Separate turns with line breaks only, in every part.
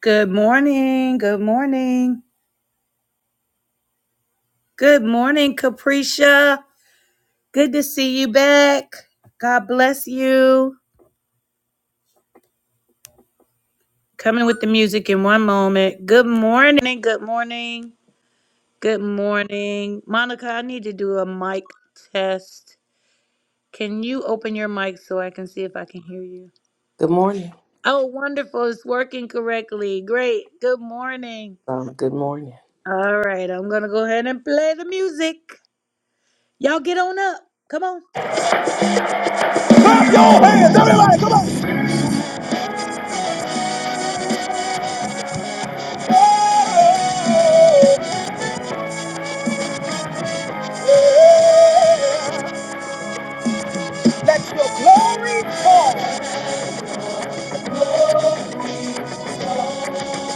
Good morning. Good morning. Good morning, Capricia. Good to see you back. God bless you. Coming with the music in one moment. Good morning. Good morning. Good morning. Monica, I need to do a mic test. Can you open your mic so I can see if I can hear you?
Good morning.
Oh, wonderful. It's working correctly. Great. Good morning.
Um, good morning.
All right. I'm going to go ahead and play the music. Y'all get on up. Come on. Let your glory fall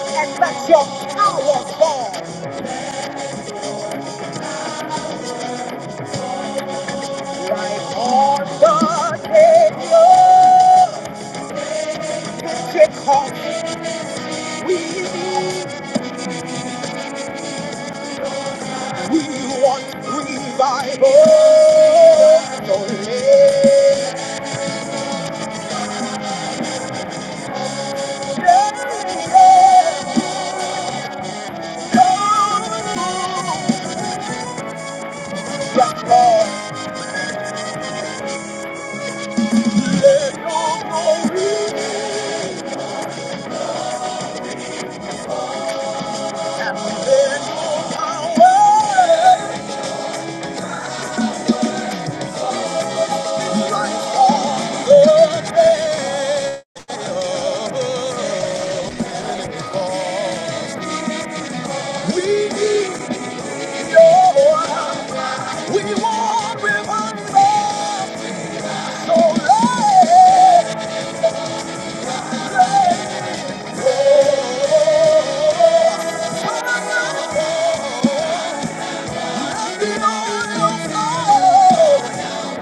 and let your power fall like on the Savior. Pentecost, we need, we want revival. So let the Lord, yes, Lord, let your glory Oh,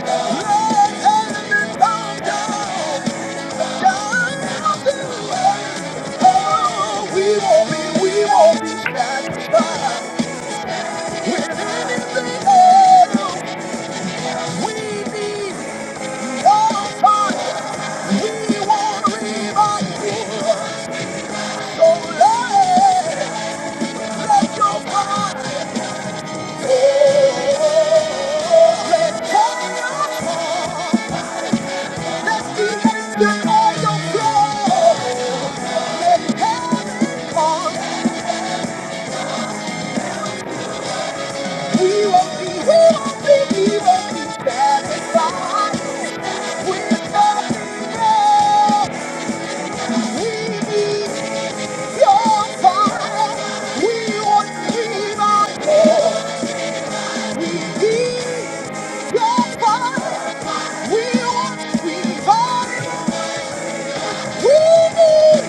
Oh, let your fire fall. We want, we want, we need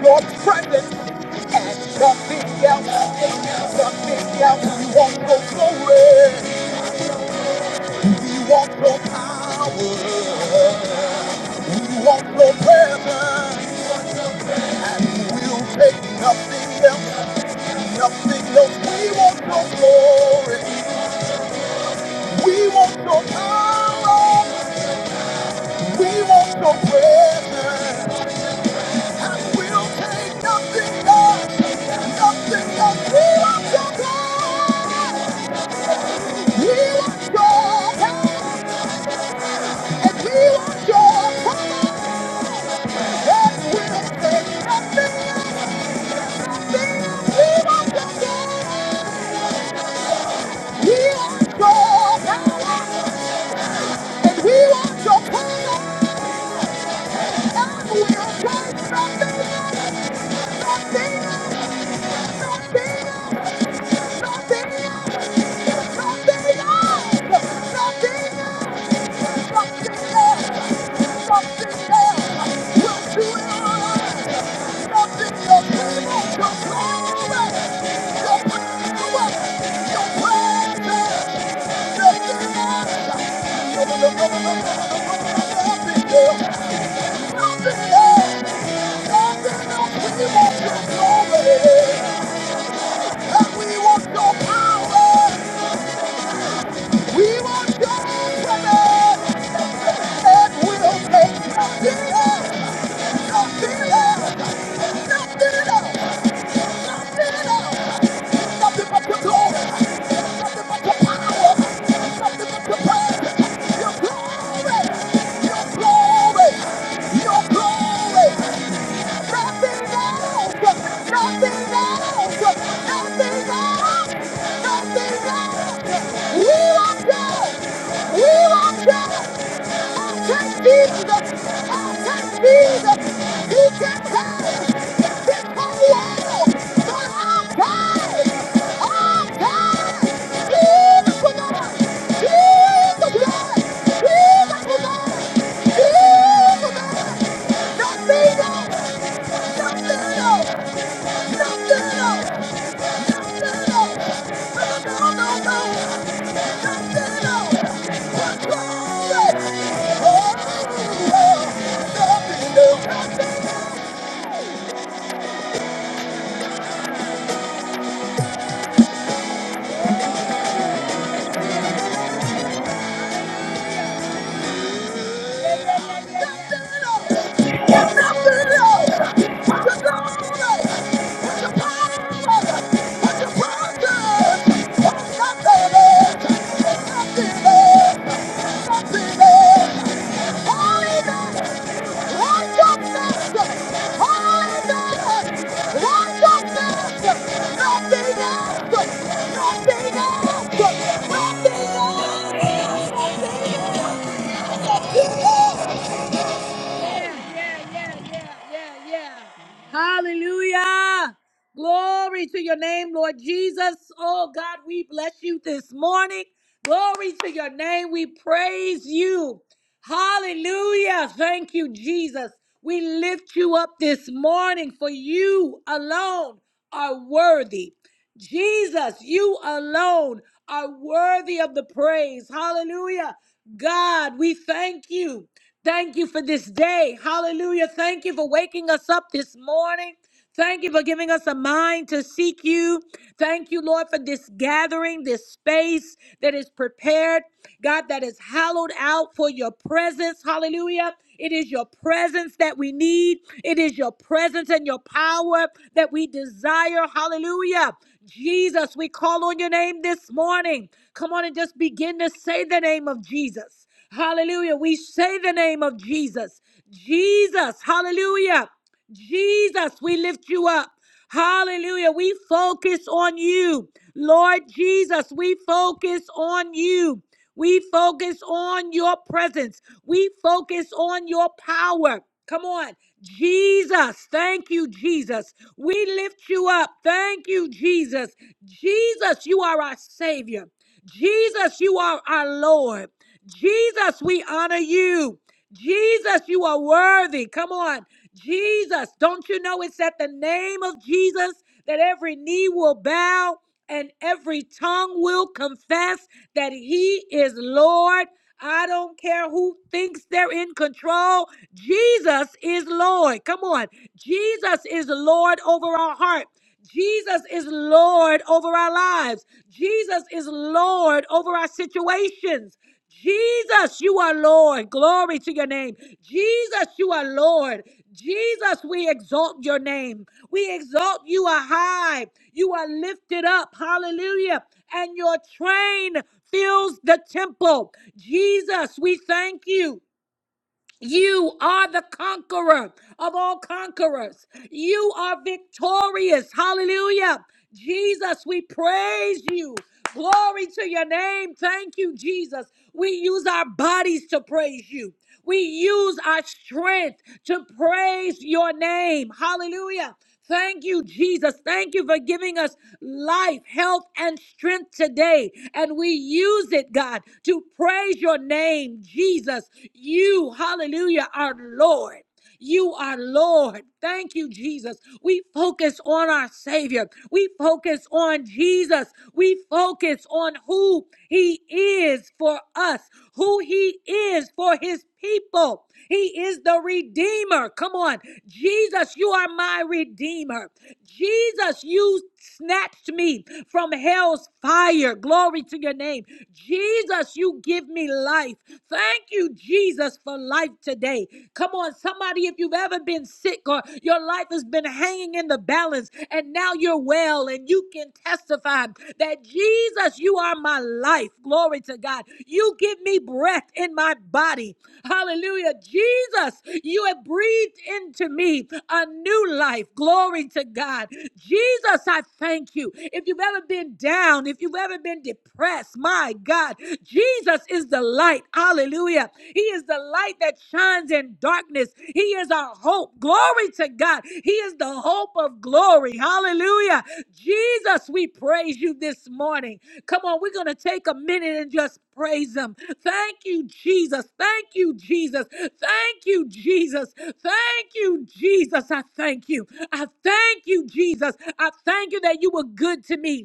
Your presence and nothing else, nothing else. We want your glory, we want your power, we want your presence, and we'll take nothing else, nothing else. We want your glory. We want your power. We want your presence. And we'll take nothing else. Nothing else. We want your power. We want your power. And we want your power. And we'll take nothing else. Nothing else. We want your power. We want your power. And we want your power. And we'll take nothing else. Nothing else. Nothing else. Nothing else, we want your glory, and we want your power. We want God, brother! And we don't take nothing else! Nothing else! Nothing else! Nothing else! Nothing but your Nothing but power! Nothing but your praise! Your glory! Your glory! Your glory! Nothing else. Nothing else. Nothing else. Nothing else. We want God. We want God. I'll take Jesus. I'll take Jesus. He can save. Nothing. no, Nothing. Oh, Hallelujah! I don't care. I don't care. I don't care. No bigger. No bigger. No bigger yeah, yeah, yeah, yeah, yeah. yeah! Hallelujah. Glory to your name, Lord Jesus. Oh God, we bless you this morning. Glory to your name. We praise you. Hallelujah. Thank you, Jesus. We lift you up this morning for you alone are worthy. Jesus, you alone are worthy of the praise. Hallelujah. God, we thank you. Thank you for this day. Hallelujah. Thank you for waking us up this morning. Thank you for giving us a mind to seek you. Thank you, Lord, for this gathering, this space that is prepared, God, that is hallowed out for your presence. Hallelujah. It is your presence that we need. It is your presence and your power that we desire. Hallelujah. Jesus, we call on your name this morning. Come on and just begin to say the name of Jesus. Hallelujah. We say the name of Jesus. Jesus. Hallelujah. Jesus, we lift you up. Hallelujah. We focus on you. Lord Jesus, we focus on you. We focus on your presence. We focus on your power. Come on. Jesus, thank you, Jesus. We lift you up. Thank you, Jesus. Jesus, you are our Savior. Jesus, you are our Lord. Jesus, we honor you. Jesus, you are worthy. Come on. Jesus, don't you know it's at the name of Jesus that every knee will bow and every tongue will confess that he is Lord? I don't care who thinks they're in control. Jesus is Lord. Come on. Jesus is Lord over our heart. Jesus is Lord over our lives. Jesus is Lord over our situations. Jesus, you are Lord. Glory to your name. Jesus, you are Lord. Jesus, we exalt your name. We exalt you are high. You are lifted up. Hallelujah. And your train fills the temple. Jesus, we thank you. You are the conqueror of all conquerors. You are victorious. Hallelujah. Jesus, we praise you. Glory to your name. Thank you, Jesus. We use our bodies to praise you. We use our strength to praise your name. Hallelujah. Thank you, Jesus. Thank you for giving us life, health, and strength today. And we use it, God, to praise your name, Jesus. You, hallelujah, our Lord. You are Lord. Thank you, Jesus. We focus on our Savior. We focus on Jesus. We focus on who He is for us, who He is for His people. He is the Redeemer. Come on. Jesus, you are my Redeemer. Jesus, you snatched me from hell's fire. Glory to your name. Jesus, you give me life. Thank you, Jesus, for life today. Come on, somebody, if you've ever been sick or your life has been hanging in the balance and now you're well and you can testify that Jesus, you are my life. Glory Glory to God. You give me breath in my body. Hallelujah. Jesus, you have breathed into me a new life. Glory to God. Jesus, I thank you. If you've ever been down, if you've ever been depressed, my God, Jesus is the light. Hallelujah. He is the light that shines in darkness. He is our our hope. Glory to God. He is the hope of glory. Hallelujah. Jesus, we praise you this morning. Come on, we're going to take a minute and just praise him. Thank you, Jesus. Thank you, Jesus. Thank you, Jesus. Thank you, Jesus. I thank you. I thank you, Jesus. I thank you that you were good to me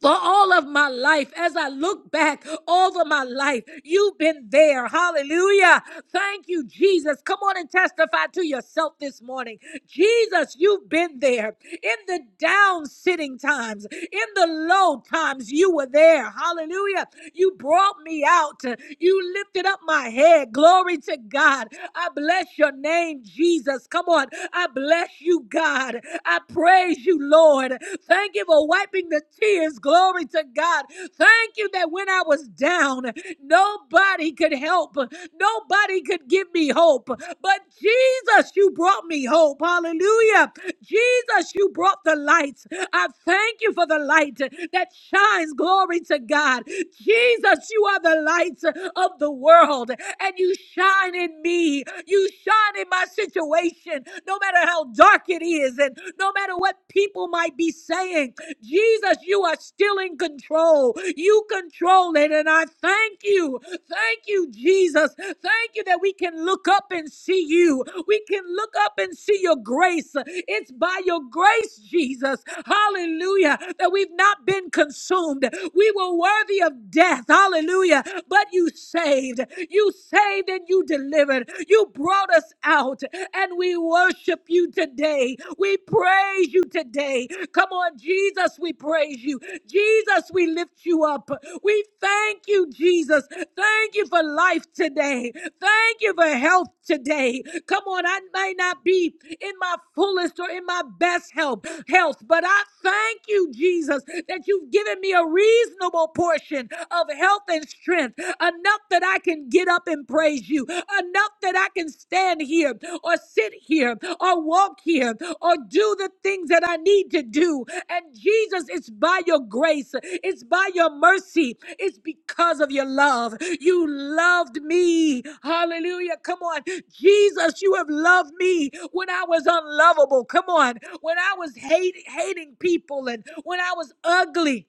for all of my life. As I look back over my life, you've been there. Hallelujah. Thank you, Jesus. Come on and testify to yourself this morning. Jesus, you've been there. In the down sitting times, in the low times, you were there. Hallelujah. You brought me out. You lifted up my head. Glory to God. I bless your name, Jesus. Come on. I bless you, God. I praise praise you, Lord. Thank you for wiping the tears. Glory to God. Thank you that when I was down, nobody could help. Nobody could give me hope. But Jesus, you brought me hope. Hallelujah. Jesus, you brought the light. I thank you for the light that shines. Glory to God. Jesus, you are the light of the world, and you shine in me. You shine in my situation situation, no matter how dark it is, and no matter what people might be saying, Jesus, you are still in control. You control it. And I thank you. Thank you, Jesus. Thank you that we can look up and see you. We can look up and see your grace. It's by your grace, Jesus. Hallelujah. That we've not been consumed. We were worthy of death. Hallelujah. But you saved. You saved and you you delivered. You brought us out, and we worship you today. We praise you today. Come on, Jesus, we praise you. Jesus, we lift you up. We thank you, Jesus. Thank you for life today. Thank you for health today. Come on, I may not be in my fullest or in my best health, health, but I thank you, Jesus, that you've given me a reasonable portion of health and strength, enough that I can get up and praise you, enough that I can stand here or sit here or walk here or do the things that I need to do. And Jesus, it's by your grace, it's by your mercy, it's because of your love. You loved me. Hallelujah. Come on. Jesus, you have loved me when I was unlovable. Come on. When I was hate, hating people and when I was ugly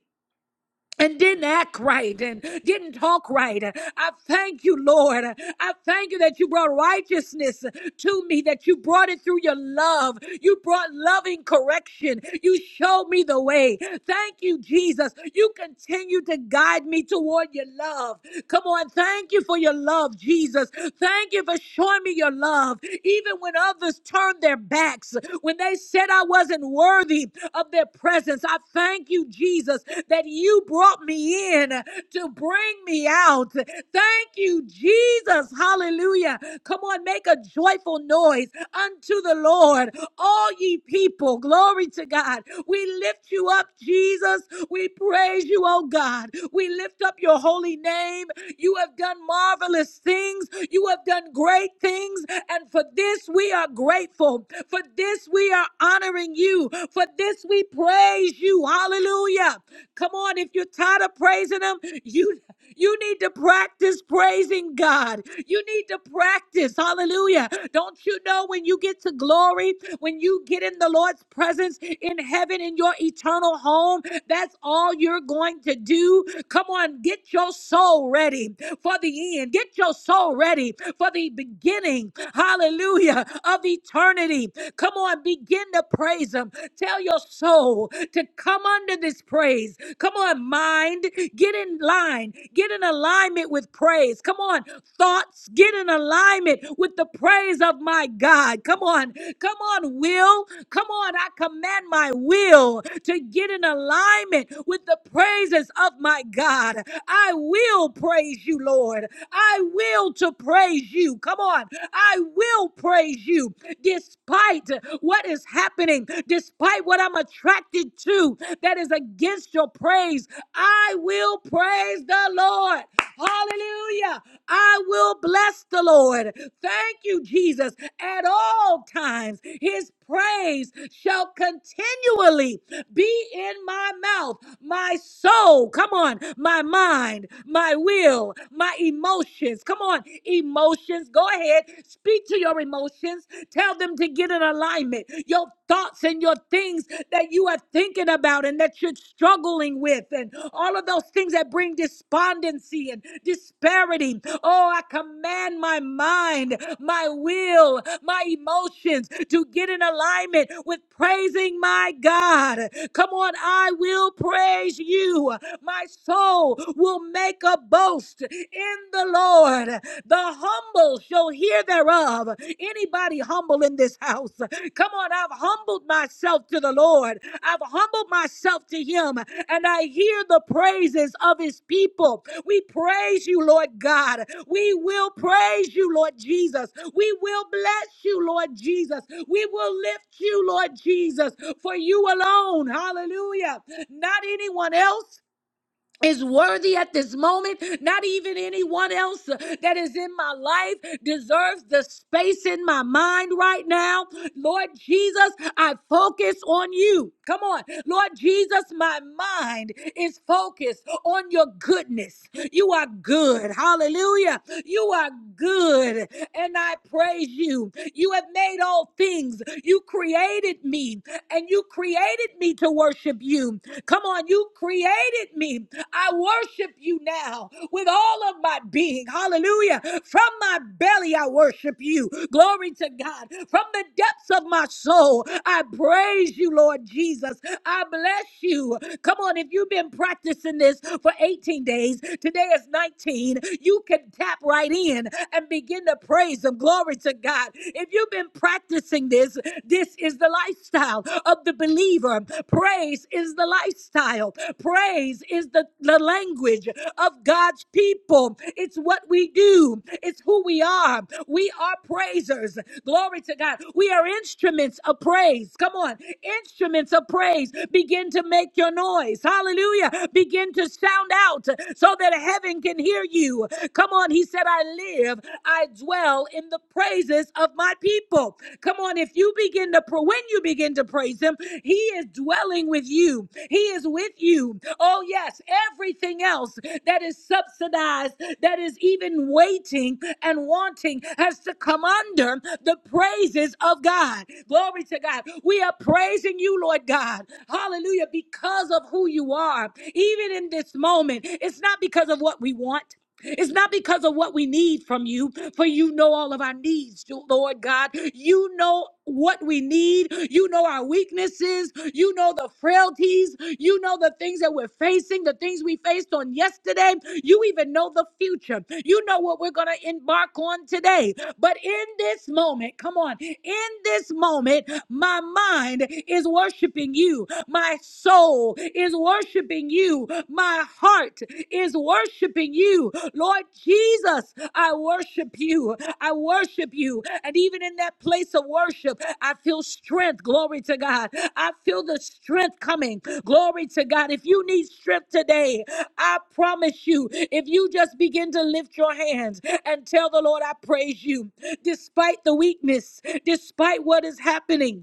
and didn't act right and didn't talk right. I thank you, Lord. I thank you that you brought righteousness to me, that you brought it through your love. You brought loving correction. You showed me the way. Thank you, Jesus. You continue to guide me toward your love. Come on, thank you for your love, Jesus. Thank you for showing me your love, even when others turn their backs when they said I wasn't worthy of their presence. I thank you, Jesus, that you brought me in to bring me out. Thank you, Jesus. Hallelujah. Come on, make a joyful noise unto the Lord, all ye people. Glory to God. We lift you up, Jesus. We praise you, oh God. We lift up your holy name name. You have done marvelous things. You have done great things. And for this, we are grateful. For this, we are honoring you. For this, we praise you. Hallelujah. Come on, if you're tired of praising Him, you. You need to practice praising God. You need to practice. Hallelujah. Don't you know when you get to glory, when you get in the Lord's presence in heaven in your eternal home. That's all you're going to do. Come on, get your soul ready for the end. Get your soul ready for the beginning. Hallelujah. Of eternity. Come on, begin to praise him. Tell your soul to come under this praise. Come on, mind, get in line. Get in alignment with praise. Come on, thoughts, get in alignment with the praise of my God. Come on, come on, will. Come on, I command my will to get in alignment with the praises of my God. I will praise you, Lord. I will to praise you. Come on. I will praise you despite what is happening, despite what I'm attracted to that is against your praise. I will praise the Lord. Hallelujah. I will bless the Lord. Thank you, Jesus. At all times, his praise shall continually be in my mouth, my soul, come on, my mind, my will, my emotions. Come on, emotions. Go ahead, speak to your emotions. Tell them to get in alignment. Your thoughts and your things that you are thinking about and that you're struggling with, and all of those things that bring despondency and disparity. Oh, I command my mind, my will, my emotions to get in alignment with praising my God. Come on, I will praise you. My soul will make a boast in the Lord. The humble shall shall hear thereof. Anybody humble in this house, come on, I've humbled myself to the Lord. I've humbled myself to him, and I hear the praises of his people. We praise you, Lord God. We will praise you, Lord Jesus. We will bless you, Lord Jesus. We will lift you, Lord Jesus, for you alone. Hallelujah. Not anyone else is worthy at this moment. Not even anyone else uh, that is in my life deserves the space in my mind right now. Lord Jesus, I focus on you. Come on. Lord Jesus, my mind is focused on your goodness. You are good. Hallelujah. You are good. And I praise you. You have made all things. You created me and you created me to worship you. Come on, you created me. I worship you now with all of my being. Hallelujah. From my belly, I worship you. Glory to God. From the depths of my soul, I praise you, Lord Jesus. I bless you. Come on, if you've been practicing this for 18 days, today is 19, you can tap right in and begin to praise Him. Glory to God. If you've been and practicing this. This is the lifestyle of the believer. Praise is the lifestyle. Praise is the, the language of God's people. It's what we do, it's who we are. We are praisers. Glory to God. We are instruments of praise. Come on. Instruments of praise. Begin to make your noise. Hallelujah. Begin to sound out so that heaven can can hear you. Come on, he said, I live, I dwell in the praises of my people. Come on, if you begin to, pra- when you begin to praise him, he is dwelling with you, he is with you. Oh, yes, everything else that is subsidized, that is even waiting and wanting, has to come under the praises of God. Glory to God. We are praising you, Lord God. Hallelujah. Because of who you are, even in this moment, it's not because of what we want. It's not because of what we need from you, for you know all of our needs, Lord God. You know what we need. You know our weaknesses. You know the frailties. You know the things that we're facing, the things we faced on yesterday. You even know the future. You know what we're going to embark on today. But in this moment, come on, in this moment, my mind is worshiping you. My soul is worshiping you. My heart is worshiping you. Lord Jesus, I worship you. I worship you. And even in that place of worship, I feel strength. Glory to God. I feel the strength coming. Glory to God. If you need strength today, I promise you, if you just begin to lift your hands and tell the Lord, I praise you, despite the weakness, despite what is happening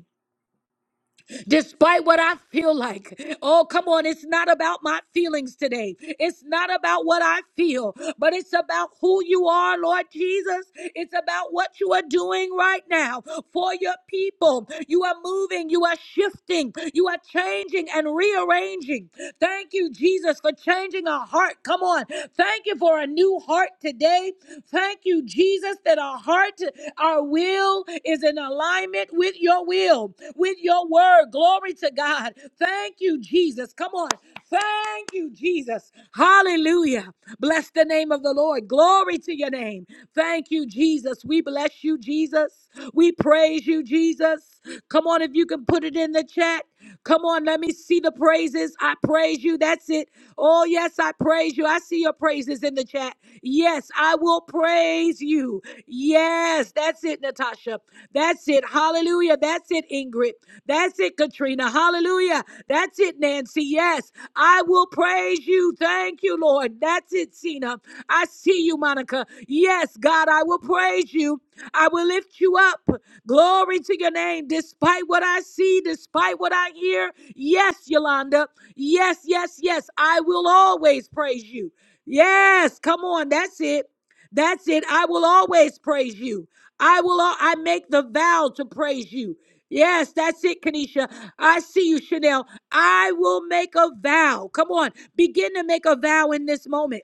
despite what I feel like. Oh, come on. It's not about my feelings today. It's not about what I feel, but it's about who you are, Lord Jesus. It's about what you are doing right now for your people. You are moving, you are shifting, you are changing and rearranging. Thank you, Jesus, for changing our heart. Come on. Thank you for a new heart today. Thank you, Jesus, that our heart, our will is in alignment with your will, with your word. Glory to God. Thank you, Jesus. Come on. Thank you, Jesus. Hallelujah. Bless the name of the Lord. Glory to your name. Thank you, Jesus. We bless you, Jesus. We praise you, Jesus. Come on, if you can put it in the chat. Come on, let me see the praises. I praise you. That's it. Oh, yes, I praise you. I see your praises is in the chat. Yes, I will praise you. Yes, that's it, Natasha. That's it. Hallelujah. That's it, Ingrid. That's it, Katrina. Hallelujah. That's it, Nancy. Yes, I will praise you. Thank you, Lord. That's it, Cena. I see you, Monica. Yes, God, I will praise you. I will lift you up. Glory to your name, despite what I see, despite what I hear. Yes, Yolanda. Yes, yes, yes. I will always praise you. Yes, come on. That's it. That's it. I will always praise you. I will al- I make the vow to praise you. Yes, that's it, Kanisha. I see you, Chanel. I will make a vow. Come on. Begin to make a vow in this moment.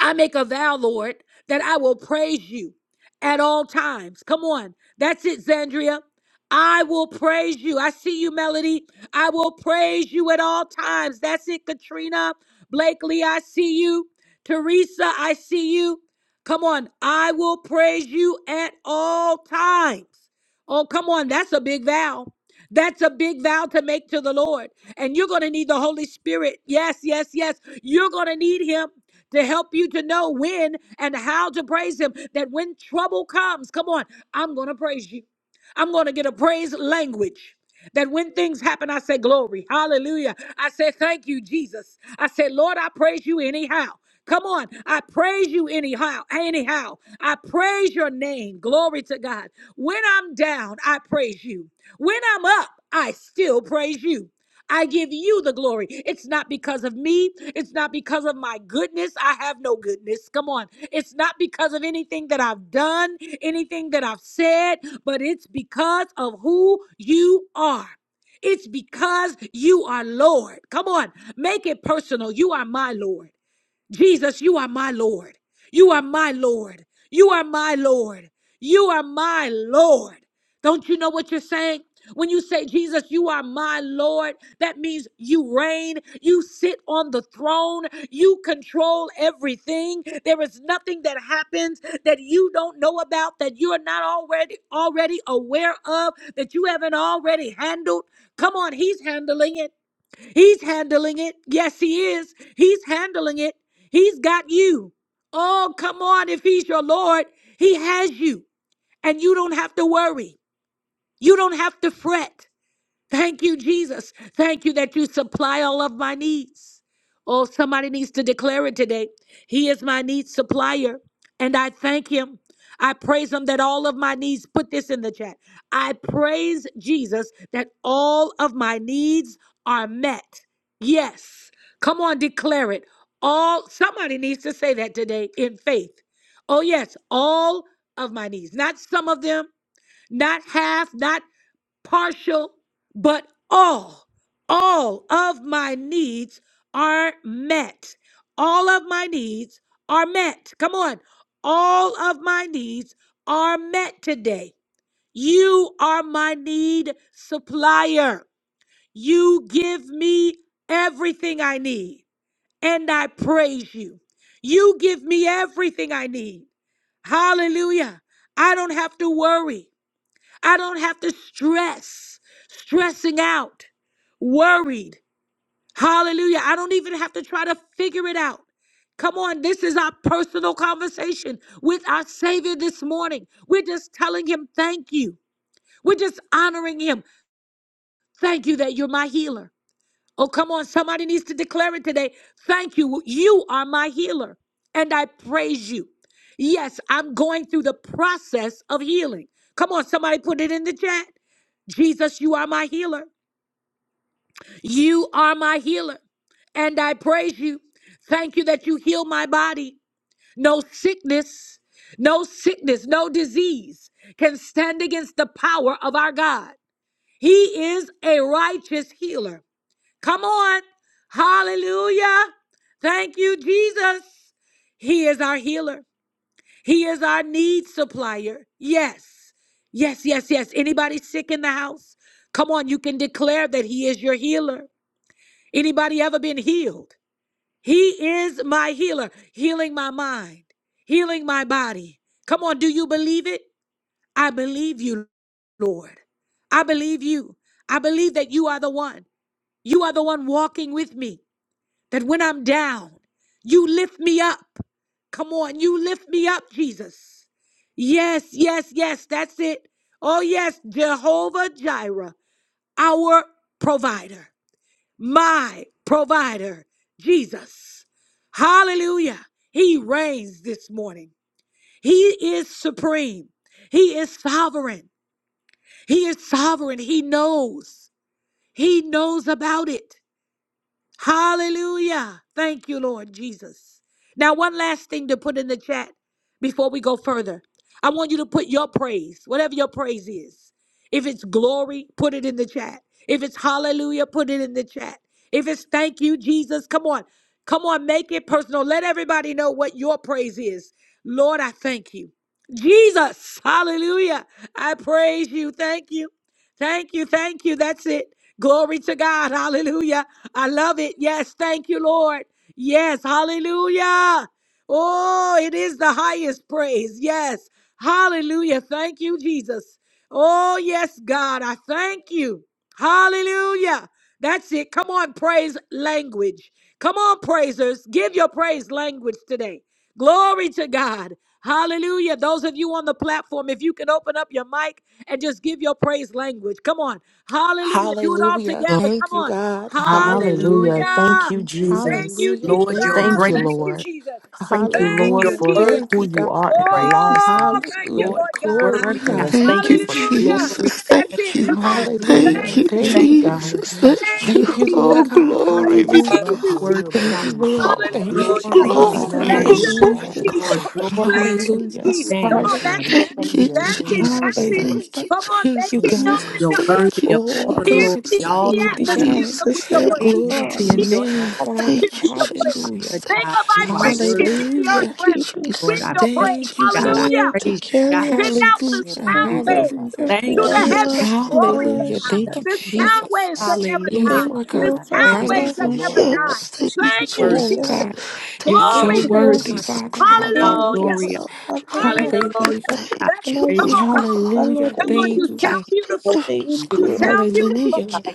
I make a vow, Lord, that I will praise you at all times. Come on. That's it, Zandria. I will praise you. I see you, Melody. I will praise you at all times. That's it, Katrina. Blakely, I see you. Teresa, I see you. Come on. I will praise you at all times. Oh, come on. That's a big vow. That's a big vow to make to the Lord. And you're going to need the Holy Spirit. Yes, yes, yes. You're going to need Him to help you to know when and how to praise Him. That when trouble comes, come on, I'm going to praise you. I'm going to get a praise language. That when things happen, I say, Glory, hallelujah. I say, Thank you, Jesus. I say, Lord, I praise you anyhow. Come on, I praise you anyhow. Anyhow, I praise your name. Glory to God. When I'm down, I praise you. When I'm up, I still praise you. I give you the glory. It's not because of me. It's not because of my goodness. I have no goodness. Come on. It's not because of anything that I've done, anything that I've said, but it's because of who you are. It's because you are Lord. Come on. Make it personal. You are my Lord. Jesus, you are my Lord. You are my Lord. You are my Lord. You are my Lord. Don't you know what you're saying? When you say, Jesus, you are my Lord, that means you reign, you sit on the throne, you control everything. There is nothing that happens that you don't know about, that you are not already already aware of, that you haven't already handled. Come on, he's handling it. He's handling it. Yes, he is. He's handling it. He's got you. Oh, come on. If he's your Lord, he has you. And you don't have to worry. You don't have to fret. Thank you, Jesus. Thank you that you supply all of my needs. Oh, somebody needs to declare it today. He is my needs supplier, and I thank him. I praise him that all of my needs, put this in the chat. I praise Jesus that all of my needs are met. Yes. Come on, declare it. All somebody needs to say that today in faith. Oh, yes, all of my needs. Not some of them, not half, not partial, but all, all of my needs are met. All of my needs are met. Come on. All of my needs are met today. You are my need supplier. You give me everything I need, and I praise you. You give me everything I need. Hallelujah. I don't have to worry. I don't have to stress, stressing out, worried. Hallelujah. I don't even have to try to figure it out. Come on, this is our personal conversation with our Savior this morning. We're just telling Him, thank you. We're just honoring Him. Thank you that you're my healer. Oh, come on. Somebody needs to declare it today. Thank you. You are my healer, and I praise you. Yes, I'm going through the process of healing. Come on, somebody put it in the chat. Jesus, you are my healer. You are my healer, and I praise you. Thank you that you heal my body. No sickness, no sickness, no disease can stand against the power of our God. He is a righteous healer. Come on. Hallelujah. Thank you, Jesus. He is our healer. He is our need supplier. Yes. Yes, yes, yes. Anybody sick in the house? Come on, you can declare that he is your healer. Anybody ever been healed? He is my healer, healing my mind, healing my body. Come on, do you believe it? I believe you, Lord. I believe you. I believe that you are the one. You are the one walking with me. That when I'm down, you lift me up. Come on, you lift me up, Jesus. Yes, yes, yes, that's it. Oh, yes, Jehovah Jireh, our provider, my provider, Jesus. Hallelujah. He reigns this morning. He is supreme. He is sovereign. He is sovereign. He knows. He knows about it. Hallelujah. Thank you, Lord Jesus. Now, one last thing to put in the chat before we go further. I want you to put your praise, whatever your praise is. If it's glory, put it in the chat. If it's hallelujah, put it in the chat. If it's thank you, Jesus, come on. Come on, make it personal. Let everybody know what your praise is. Lord, I thank you. Jesus, hallelujah. I praise you. Thank you. Thank you. Thank you. That's it. Glory to God. Hallelujah. I love it. Yes. Thank you, Lord. Yes. Hallelujah. Oh, it is the highest praise. Yes. Hallelujah. Thank you, Jesus. Oh, yes, God. I thank you. Hallelujah. That's it. Come on, praise language. Come on, praisers. Give your praise language today. Glory to God. Hallelujah. Those of you on the platform, if you can open up your mic and just give your praise language. Come on. Hallelujah. Do it all
Hallelujah.
Lord.
together. Come
Thank you,
on.
God.
Hallelujah.
Hallelujah.
Hallelujah.
Thank
Hallelujah.
you,
Thank
Jesus.
you,
Hallelujah.
Jesus.
Lord, you're
Thank you,
Thank you,
great,
Thank you,
Lord.
Jesus.
Jesus.
great,
Thank you,
Thank
Lord,
you're
you,
Hallelujah.
Thank
for
Jesus.
worthy
Thank
who
you,
to
you
God.
are in our
praise.
You
lives. Father.
Oh,
Jesus.
thank you,
Thank you
Hallelujah.
Lord, you're
for
Lord God.
Glory,
worthy,
working
God.
You
God.
us. Thank you
Thank
for
you,
Hallelujah.
keeping.
Glory to
Jesus.
That's
your
it.
name,
Come
Jesus.
on.
Thank you for
Thank
Hallelujah.
never
you,
Thank
are
Thank
you,
you,
first
taking
Jesus.
your
God.
Jesus.
hands
Thank
off
and
you,
of
Thank you,
us.
Lord
Jesus.
God.
We just
I
Hallelujah.
praise
love
last.
you're
you,
you and we
worthy,
Jesus.
Thank
God.
adore
you,
you,
Lord.
Father. God.
Thank
We
you,
Hallelujah.
Glory
Jesus.
to
There
our
is
your
none like
Bless
you
name,
your
on
adoration
name,
all
Hallelujah.
the
is
Lord.
Jesus.
earth.
Glory to
Thank you,
Hallelujah.
your
We
Jesus. Come
constant.
name.
on,
bless
Hallelujah.
you and we
that's it.
praise
Thank
your
you,
That's
name,
it.
Jesus.
Father
That's
You're
God.
it.
worthy,
Hallelujah.
Come on,
Thank
make
you,
In
it
this
God.
known
name,
in
Jesus
you're
I
the
ask
earth.
worthy of all
Oh
for
the
God,
Pierce
glory,
you're
the
who you
all
the
the
are.
worthy
you,
honor,
atmosphere
God.
Jesus
with
for
your
your
all
God,
praise
praise.
You
Glory
are
to
power.
your
to
Pierce
your name,
name,
all.
the
Thank
Father.
spirit
mighty
with your
Jesus
praise.
Hallelujah.
Father,
Make
God.
a
You are
vibration
Christine
worthy,
in the earth
for
Hallelujah.
realm
keeping
Lord.
with
I
you
your
bless
praise.
Thank you,
you, God.
God.
I
Hallelujah.
continuing
for
to
praise you,
all
God.
carry
you
Send
are.
us.
I
out the
feel that
Hallelujah.
I'm
Thank
sound
You.
you
Father.
waves
Hallelujah.
for
to
Thank
your
you,
the
Jesus.
heavens.
love
Thank you for
God
being
Glory
our
to
Hallelujah.
us.
God.
leader.
Thank you,
The sound
Father
Jesus.
waves that
God,
never
Hallelujah.
Yes,
thank
die.
Thank
you for being
Lord
The
God.
you,
our
God
Praise
sound
the
leader.
waves
Lord.
the
that
Lord
Hallelujah.
never
of Lords
die.
Thank
and
you,
the King
Thank
Jesus,
of
for
you,
word.
Kings,
Oh,
God.
sharing.
God.
Jesus.
You're
Where would
so
Thank
You're
Glory
we
you,
to
be
Lord.
worthy,
worthy
God.
without
to
Father.
you?
all
Again,
Hallelujah.
Hallelujah.
things
glory.
our Father
Thank
in our
you.
Hallelujah.
favor
Hallelujah.
I
That's
and
We
it.
on
Come
praise
worship
on, come
behalf
you.
on.
of our Lord
Thank
Hallelujah.
that
Come
you.
on.
you.
You
Thank you,
you
God,
sound
God.
beautiful.
that you
We thank
You
do,
sound beautiful.
Hallelujah.
I glorify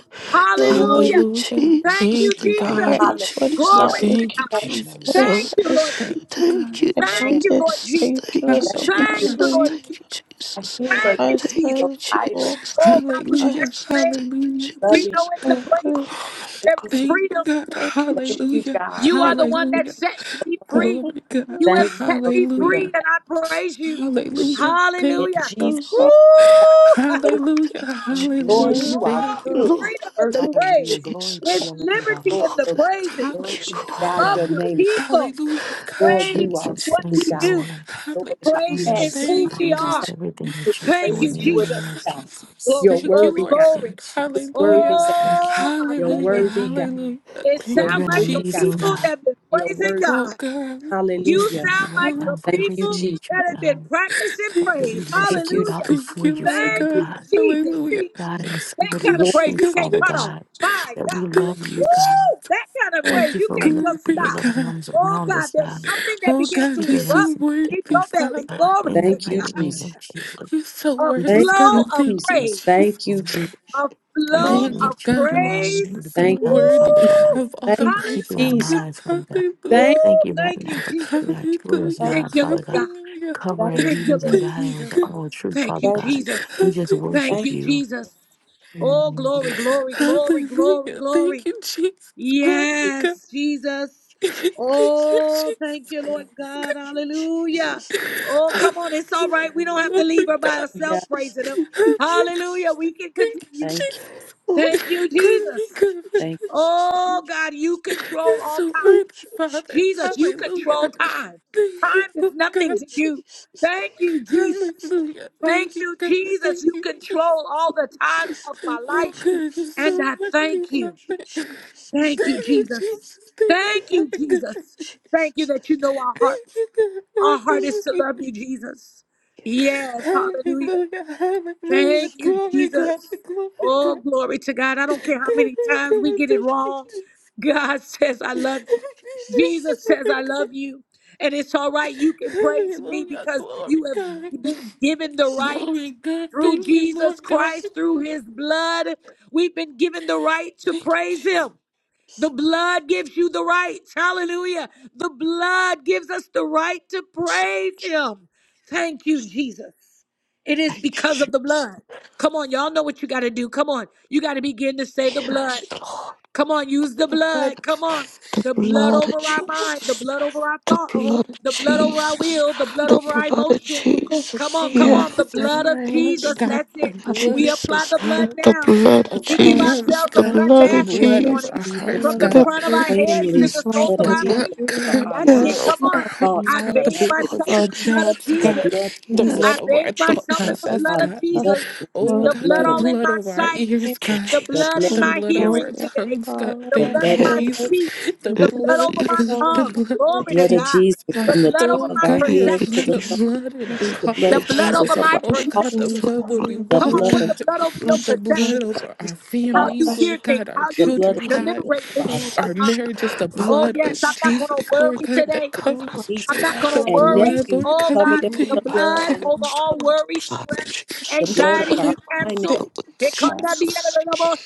your
you.
Lord, your
Hallelujah.
Hallelujah.
you.
Thank you,
Thank
We
you,
thank
Jesus.
God.
heart what is not
Hallelujah.
Glory to
Thank you,
wicked,
Bless
God.
Jesus.
but
you.
your
Thank
Oh,
heart
God.
you,
is
Lord
good.
Jesus.
Thank you, God.
Yes,
I
your
Lord.
Thank
name.
count
you,
it
Lord
things that you
Jesus.
give us,
Thank
O
Thank
you.
God,
Hallelujah.
you,
Lord, you
Lord
Thank you,
Jesus.
God.
I hear like
Thank
defy
you,
us,
Jesus.
a
O
provider,
Lord.
Oh God, we
Hallelujah.
bless your name.
Hallelujah.
We
Thank
loving,
know in
you,
the
God.
Hallelujah.
praises there
taking
is
care.
Thank you,
freedom.
God.
Thank you,
Thank you,
Jesus.
Hallelujah.
God.
You are
Thank
the one
you. Jesus.
that
Hallelujah.
sets me free.
Thank
Glory, God.
you,
You have
Thank you
set
for
me
freedom,
free,
Hallelujah.
and
God.
I praise you.
Hallelujah.
In
Thank you,
Hallelujah.
God.
Jesus'
Lord.
Woo!
name,
Hallelujah.
Thank you,
Lord,
Lord.
Mm,
Hallelujah.
you are
Thank
Oh, it's
you,
good and your
freedom in
mercy
the
Thank
is
Hallelujah.
praise.
Glory to
It's
your name,
good,
liberty
God.
Lord.
in the
Your
praises
God.
Glory
you,
to
Jesus.
Hallelujah.
your name,
God,
of
your
God.
your
name,
people.
Hallelujah,
Lord,
God.
Praise
you
is
are
Jesus,
what
thank
good,
we
you,
God.
do.
Lord.
Lord, if I
Praise
had
Hallelujah.
is
10,000
Yes,
who
Thank
God,
we
you,
it's just
God.
are.
everything that you're
Thank you,
doing
praise
in
you
the
with
name
Jesus.
of
God.
Jesus.
Glory,
You're
Thank you,
glory,
worthy,
Lord
God.
glory.
God.
Yes,
You're
yes. Mm,
Hallelujah.
worthy, God.
thank you
Oh
right
my
now
You're
for
Hallelujah.
goodness.
worthy, God.
everything.
Hallelujah.
It
Uh,
You're
Thank
you're
sounds
you,
an
like
worthy,
some
God.
amazing
Jesus.
people
God.
that have been
You're
praising
worthy.
Oh,
God.
God.
I just
You
Hallelujah.
thank you
sound
right
like
Hallelujah.
now
some
for
Thank you,
people
everything
Jesus.
that you've
that have been
done.
practicing
Thank
God, that
you,
we
praise.
worship,
Thank
we
you,
Jesus.
bow
Hallelujah.
Thank
before
you,
you,
Lord
Father
Thank
God.
you,
God.
Jesus.
Hallelujah.
See,
God, in
that
spirit
Glory,
kind
and
of
Lord.
praise
truth,
you
God.
can't
Father
cut off.
God,
My
that we
God.
love
Thank you,
you,
Jesus.
God.
Woo! That kind of
Mm,
Thank
praise
you
you
for
can't
loving
just
your
Glory,
stop.
loving
God.
arms
Oh
around us,
God, there's
God,
something that
Oh,
begins to
God, you're
keeping
erupt
us
so
and
in
protecting
worthy,
your
us,
belly.
Father
Father.
God.
Glory
In the
to
Thank you,
mighty
God.
name
Jesus.
of Jesus,
You're so
A
we
Thank
worthy,
just go
you,
God.
flow of
Thank you,
Jesus.
praise.
Jesus.
Thank you, Jesus.
on
a flow
Thank you,
everything
Thank you,
of
that you're
God.
doing and
Master
praise.
everything that
So
you've
Thank
done,
worthy
Father
you,
Woo!
God
of all
thank
the
you,
For keeping our
praises.
Jesus.
Good.
Hallelujah.
minds Father God.
Woo!
Hallelujah.
Thank,
Thank you right
Thank
now
you,
for
Jesus.
keeping our children's
Hallelujah.
thank
Thank
mind,
you,
you,
Father
Lord
God.
God.
Hallelujah.
Covering,
thank
Thank
you,
you,
leading them,
Jesus.
Lord
Thank
guiding them
Jesus.
to
you,
all truth,
Thank
Father
you,
Thank
God.
you,
God.
Jesus.
We just
Hallelujah.
Thank
thank
worship
you,
you.
Jesus. Oh, glory, glory, glory, glory,
Hallelujah. Thank
glory.
you, Jesus. Glory, God.
Yes, Jesus.
Thank you,
Oh, thank
Jesus.
you,
Glory,
Lord God.
God.
Hallelujah. Oh, come on. It's all
Hallelujah.
right. We don't have to leave
Glory,
her by
God.
you, yeah.
herself praising him.
Hallelujah.
Hallelujah. We can
Thank you,
continue.
Thank you,
Jesus.
Thank you,
Glory,
Jesus.
God.
thank
Oh God, you control
You're
all
so
time.
worthy, Father.
Jesus, you
Hallelujah.
control time.
Thank you,
Time is
Lord
nothing
God.
to you. Thank you, Jesus.
Hallelujah. Thank
Thank
you,
you,
God.
Jesus.
Thank
You
you, Jesus.
control all the times of my
Oh,
life.
God, you're
And
so
I
worthy,
thank you.
Father.
Thank you,
Thank you,
Jesus.
Jesus. Thank you,
Thank
my
you,
God.
Jesus. Thank you that you know our
Thank
hearts.
you, God.
Our heart is to
Hallelujah.
love you, Jesus. Yes, hallelujah.
Hallelujah. Hallelujah.
Thank you,
Glory,
Jesus.
God. Glory,
Oh,
God.
glory to God. I don't care how many
Glory,
times we
God.
get it
Thank you,
wrong.
Jesus.
God says, I love you.
Thank
Jesus
you,
says,
my
I love
God.
you. And it's all right. You can praise me
Hallelujah.
because
Glory,
you have
God.
been given the right
Glory, God.
through
Thank you, Lord
Jesus
God.
Christ, through his blood. We've been given the right to
Thank you,
praise
Jesus.
him. The blood gives you the right. Hallelujah. The blood gives us the right to praise him. Thank you, Jesus. It is because of the blood. Come on, y'all know what you got to do. Come on. You got to begin to say the blood. Come on, use the
The blood
blood.
of
Come on.
Jesus.
The blood over
Blood
our
of
mind, the
Jesus.
blood over our thoughts,
Blood, the
the
blood
blood
of
over our will, the
Jesus.
blood over our emotions.
God.
The
Come on,
blood,
come
Lord,
on. The
my
Jesus,
blood of
mind,
glory,
Jesus.
my
God,
That's
the
it.
body,
We
blood, the
apply the blood
Lord,
blood
now.
of
We
our
give
for
homes,
ourselves a
every
God,
blood
the
bath
single
this
blood of
morning
our
you,
God,
Jesus,
hearts,
from
Lord,
the
we
over
God,
our
crown of
plead
our heads to
the
families,
the
the
blood
soles
blood
of
of
the
our
Jesus,
over
blood
feet.
even
over
our
God,
our
That's
minds,
it.
bodies,
Come
of our
our
on.
our
thoughts,
homes,
I
God,
our
the
minds,
bathe
blood of
myself
our
in
Lord,
imagination,
we
the blood of
jobs,
the
God,
Jesus.
blood of
you
the
Jesus
at
blood
I
of
bathe
our thought
myself in
the
the
at
process,
blood
our
of
God.
at
loved
Jesus.
ones,
Oh
the
The
work,
God,
blood
blood
the
of
all in
blood
Jesus,
my
over our
sight.
ears, God.
The
the
blood
blood
in
The
we
my
of
blood
Jesus,
over
hearing
put
our
our
today
tongues, God.
the
the
power
Thank
blood
you,
in
blood
in
of
my
the way,
Jesus.
speech,
The
and
the blood
things
blood,
over
the
for
my
blood,
our
the
tongue.
Father,
blood,
we
the
Glory to
blood of
pray,
Jesus.
God.
Jesus
Lord,
The
from the
blood
top
over
Oh
of
my
our
we
God,
head
we
to
apply
perception,
the
the
sole
thank
of our
you
blood in our
most
feet, the blood
the
cars,
of
blood
God.
over
Jesus
my
over
for
Oh
all
God, the
perception.
your
blood where
for
we
your
the
Come on,
walk,
blood
blood,
put
of
the
God.
blood
Jesus
over your
Lord, to
The blood
perception,
cleanse
over
this
our
how you
families,
thoughts,
flesh,
Lord
hear things,
God, our
how
the
you
this
de-
blood
children,
of Jesus
God,
deliberate things
over our
in
prayer,
your
our
mind.
marriages, the
Oh,
blood
children,
of
yes, I'm not going to
Jesus, Lord
worry
God, that
today.
children,
covers
I'm
oh
nieces,
not
God,
going
the
to
Lord,
and
we
worry.
blood,
nephews.
Lord
Oh
God.
Cover
We
God,
them with
thank
the
the blood
blood
you, God.
and
over
the,
all worry, stress,
the
The
blood of
anxiety,
our
blood.
we
finances.
you,
cancel.
Thank you,
We
Jesus.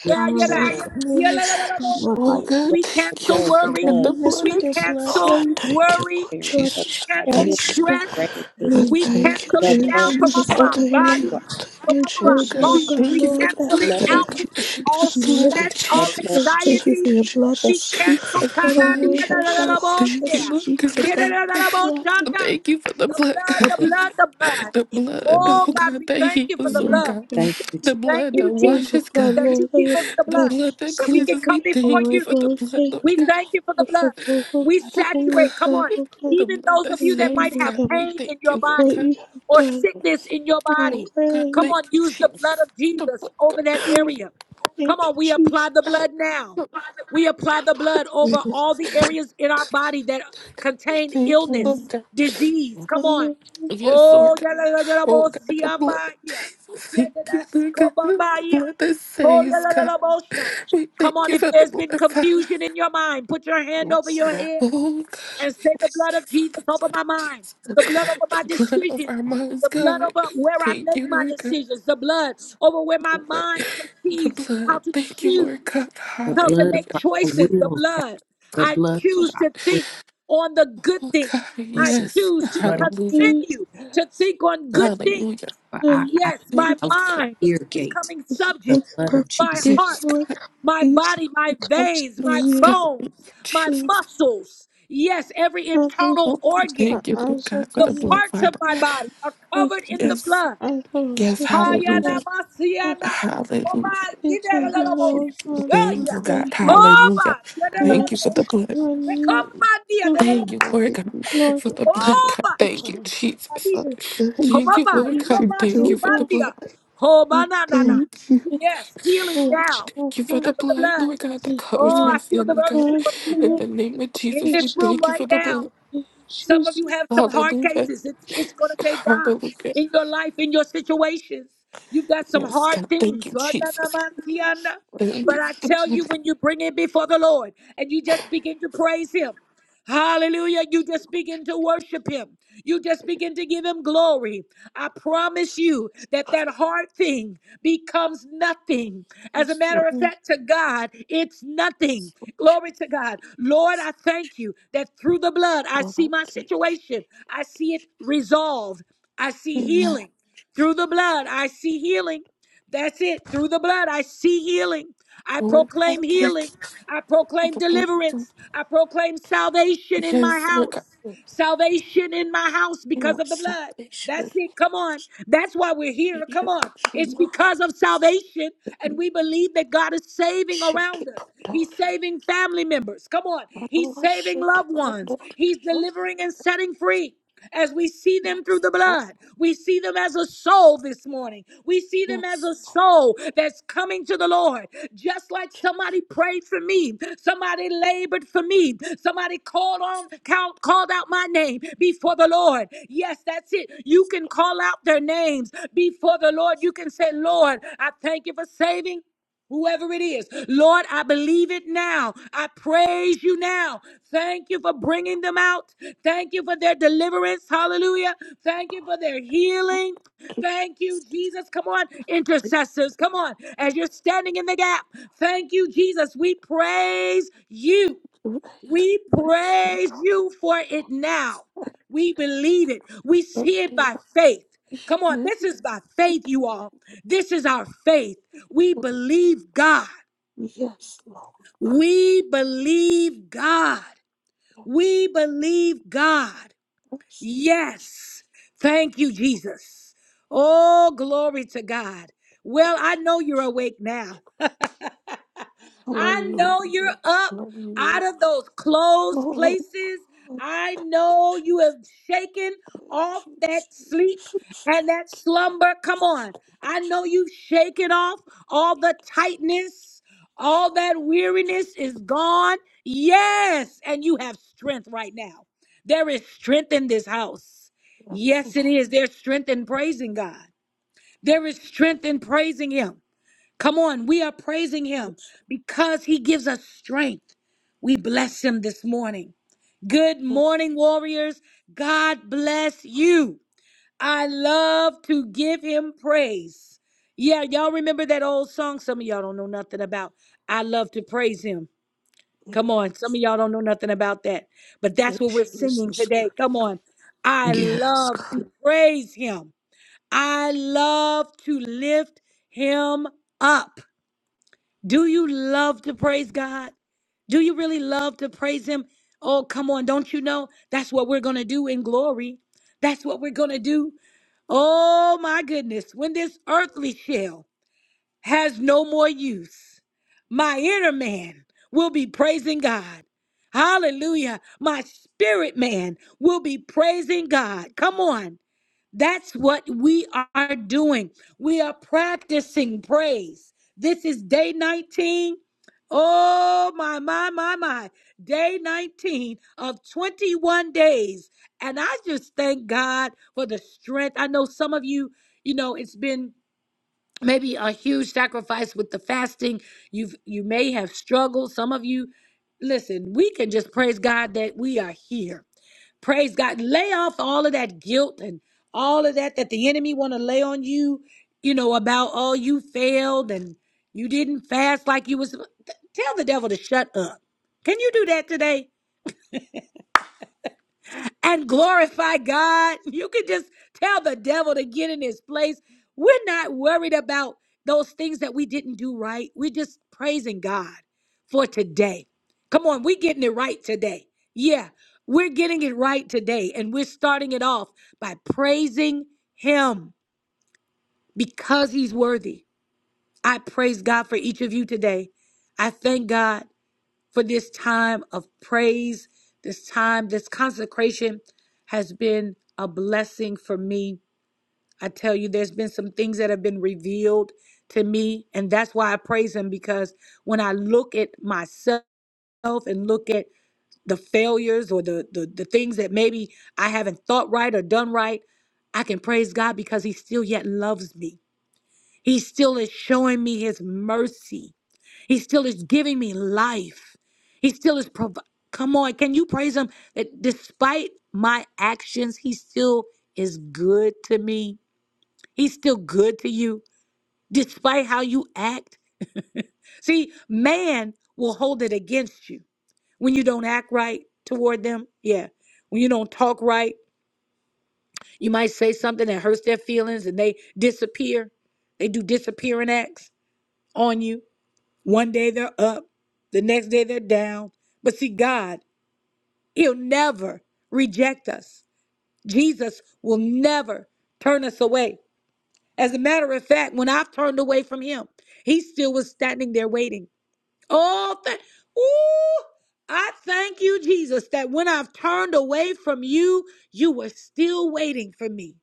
Yes, Lord,
Hallelujah.
the
Name us, O Lord, by
Oh
your
God,
blood, the
thank you.
cancel
blood, the
Lord
worry.
God,
blood, of
the
name
blood
We
with
of
your
Jesus.
blood,
cancel
Lord.
worry.
parents
Lord,
over
We
our
cancel
children,
banish the
stress.
glory,
grandchildren,
Lord
We
God,
cancel it
the
now
blood
everything
from
that
off
is
of our
over
body,
our
overwhelming.
from
Any
off of
Oh
our
burden,
God,
parents,
oh
thoughts.
we
God,
thank
We
you for
Lord,
the
that
the
cancel
blood,
it
blood
they
of
Lord
out.
God. The
All
could be
blood
stress,
of
lifted.
the
all
blood.
Jesus.
Lord, thank you for
anxiety.
your blood that
We
speaks a
cancel.
The
better
blood.
word, oh God,
Thank
that
you, Lord God.
speaks
Get it
above,
out
oh
of
God, oh God,
Yedadadadaboshanda.
Thank you for the
The
blood,
blood,
God.
the
Yes,
above,
blood, the blood.
The
the
blood,
blood.
Oh
oh
God,
God,
we
that
thank you
oh
for
heals,
the
Lord
Lord,
blood.
God.
above.
Thank you,
The
Jesus.
Thank
blood
We
that
you, Jesus,
thank you,
washes,
Lord,
that
God.
you
Lord, that
give
your
us the
The
blood,
blood
blood that
that we
speaks
can
cleanses.
a
come
We
better
before
thank you
you.
word,
for the
Lord.
blood,
Thank
Lord
We
you,
God.
thank you for the
Lord,
blood.
for those, oh
We
God,
Oh
whom your
saturate, come
blood,
on,
God.
oh God,
The
even
blood
those of
that
you that might
saves,
reminding
have
God.
them
We
pain
thank
in your
you,
of
Lord
body
what
God.
you have
or
done.
sickness in your
And I
Oh
body.
pray
God,
that
Come
you
thank
on,
you,
use the blood
Jesus.
of
The blood,
Jesus over
God.
that
Thank
do.
area. Come
Thank
on,
you,
you,
we apply the
Jesus.
God.
blood now.
The
We apply the
blood of
blood over
Thank you,
all
Jesus.
the areas in our body that contain
Thank you,
Lord.
Lord
illness,
God.
disease. Come
And
on.
Lord, thank
Yes, Lord
Oh,
God.
yeah, la, la, la, la,
Oh
bo,
God,
si,
the blood
ama,
of
yeah.
Jesus.
Yeah, da,
Thank you,
da, si,
Lord
ko,
God.
ba, ba,
The
yeah.
blood that
Oh, yeah,
saves,
la, la,
God.
la, bo, sha.
We
Come
thank
on,
you
if
for the
there's been
blood, Father.
confusion in your mind, put your hand over your head
Oh God,
and
we
say, The
thank
blood
you
of
for the
Jesus over
blood of
my mind,
Jesus.
the blood over my
The blood of
decisions,
our moms,
the blood
God.
over where I
Thank
make
you,
my
Lord God.
decisions, the blood over where
The
my
blood.
mind
The
perceives how
blood.
to
Thank you, Lord
choose,
God.
The
how to
blood
make
Hallelujah.
over our
choices, the
wills, God.
blood.
The
The
I
blood
blood.
choose
over our
to
will
think on the good
Oh
things.
God,
I
choices.
yes.
choose
The
to
blood over
Hallelujah.
you,
continue to think on
the-
good things.
Hallelujah.
over our
Hallelujah.
eyes,
Yes,
Thank
my
Thank you
over
for
you.
our
mind
ear
is
gate.
coming
the good,
The
and
subject.
blood of
My
perfect
Jesus.
heart
gifts,
Yes,
Lord.
God.
my
These
body, my
comes
veins,
from
my
Yes,
you.
God.
bones, my
And
Jesus.
muscles. Yes, every
God, that we can
internal
Oh God,
fix
organ,
our
thank you, Lord
eyes, oh
God, for
the
God,
the blood,
parts of
Father.
my
Lord.
body are covered in the
36
Yes.
blood.
as of
Yes,
September
Hayana
hallelujah.
30
masiana,
Hallelujah.
koma yidelelelemos,
Lord God
Thank you,
yaya,
God.
Almighty,
oba,
Hallelujah. Thank you
loves
for
yedelelelemos,
the
the
blood.
communion
rekoma dia,
of
Thank
delelelemos,
you, Lord God,
Lord
for the blood, God.
oba,
Thank
which
you,
si, koma
Jesus.
dia,
Thank you,
komama,
Lord
is
God.
yoba, si,
Thank
the
you for the
Lord
bandia,
blood.
koma na na na.
and the
Yes, healing
watch
now
of
Thank you for
us,
the
because of the
blood,
blood.
Lord God, that covers
Oh,
my
I
Lord
feel the
family, God.
virtue
God,
of
In
the
healing
the name of
in
Jesus, we
this
appreciate
room
thank you
right
for the
now.
blood.
Some of
Jesus.
you have some hard
Hallelujah.
cases. It's, it's going to take God
Hallelujah.
in your life, in your situations. You've got some
Yes,
hard
God. Thank
things.
you,
But
Jesus. Thank you
I
for the
tell
blood.
you, when you bring it before the Lord and you just begin to praise Him, Hallelujah. You just begin to worship him. You just begin to give him glory. I promise you that that hard thing becomes nothing. As a matter of fact, to God, it's nothing. Glory to God. Lord, I thank you that through the blood, I see my situation, I see it resolved, I see
Amen.
healing. Through the blood, I see healing. That's it. Through the blood, I see healing. I
Oh, God,
proclaim
thank
healing.
you
I
for
proclaim
the blood.
deliverance. I proclaim salvation in my
Yes, Lord God.
house. Salvation in my house because of the blood. That's it. Come on. That's why we're here. Come on. It's because of salvation. And we believe that God is saving around us. He's saving family members. Come on. He's saving loved ones. He's delivering and setting free. As we see them through the blood, we see them as a soul this morning. We see them as a soul that's coming to the Lord. Just like somebody prayed for me, somebody labored for me, somebody called on, count, called out my name before the Lord. Yes, that's it. You can call out their names before the Lord. You can say, Lord, I thank you for saving whoever it is. Lord, I believe it now. I praise you now. Thank you for bringing them out. Thank you for their deliverance. Hallelujah. Thank you for their healing. Thank you, Jesus. Come on, intercessors. Come on, as you're standing in the gap. Thank you, Jesus. We praise you. We praise you for it now. We believe it. We see it by faith. Come on, this is by faith, you all. This is our faith. We believe God. We believe God. We believe God. Yes. Thank you, Jesus. Oh, glory to God. Well, I know you're awake now. I know you're up out of those closed places. I know you have shaken off that sleep and that slumber. Come on. I know you've shaken off all the tightness, all that weariness is gone. Yes. And you have strength right now. There is strength in this house. Yes, it is. There's strength in praising God. There is strength in praising Him. Come on, we are praising Him because He gives us strength. We bless Him this morning. Good morning, warriors. God bless you. I love to give Him praise. Yeah, y'all remember that old song some of y'all don't know nothing about. I love to praise Him. Come on. Some of y'all don't know nothing about that. But that's what we're singing today. Come on. I love to praise him. I love to lift him up. Do you love to praise God? Do you really love to praise him? Oh, come on. Don't you know? That's what we're going to do in glory. That's what we're going to do. Oh, my goodness. When this earthly shell has no more use. My inner man will be praising God. Hallelujah. My spirit man will be praising God. Come on. That's what we are doing. We are practicing praise. This is day 19. Oh, my, my, my, my. Day 19 of 21 days. And I just thank God for the strength. I know some of you, you know, it's been maybe a huge sacrifice with the fasting you've you may have struggled some of you listen we can just praise god that we are here praise god lay off all of that guilt and all of that that the enemy want to lay on you you know about oh you failed and you didn't fast like you was tell the devil to shut up can you do that today and glorify God. You can just tell the devil to get in his place. We're not worried about those things that we didn't do right. We're just praising God for today. Come on, we're getting it right today. Yeah, we're getting it right today. And we're starting it off by praising Him because He's worthy. I praise God for each of you today. I thank God for this time of praise, this time, this consecration has been a blessing for me. I tell you, there's been some things that have been revealed to me, and that's why I praise Him because when I look at myself and look at the failures or the, the, the things that maybe I haven't thought right or done right, I can praise God because He still yet loves me. He still is showing me His mercy. He still is giving me life. He still is provi- Come on, can you praise him that despite my actions, he still is good to me. He's still good to you despite how you act. See, man will hold it against you when you don't act right toward them. Yeah. When you don't talk right, you might say something that hurts their feelings and they disappear. They do disappearing acts on you. One day they're up, the next day they're down. But see, God He'll never reject us. Jesus will never turn us away. As a matter of fact, when I've turned away from him, he still was standing there waiting. Oh, thank, ooh, I thank you, Jesus, that when I've turned away from you, you were still waiting for me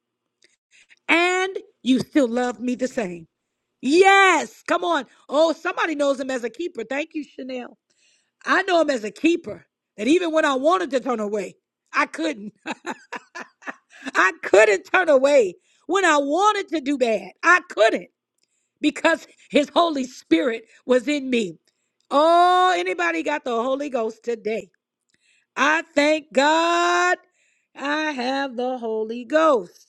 and you still love me the same. Yes, come on. Oh, somebody knows him as a keeper. Thank you, Chanel. I know him as a keeper that even when I wanted to turn away, I couldn't. I couldn't turn away when I wanted to do bad. I couldn't because his Holy Spirit was in me. Oh, anybody got the Holy Ghost today? I thank God I have the Holy Ghost.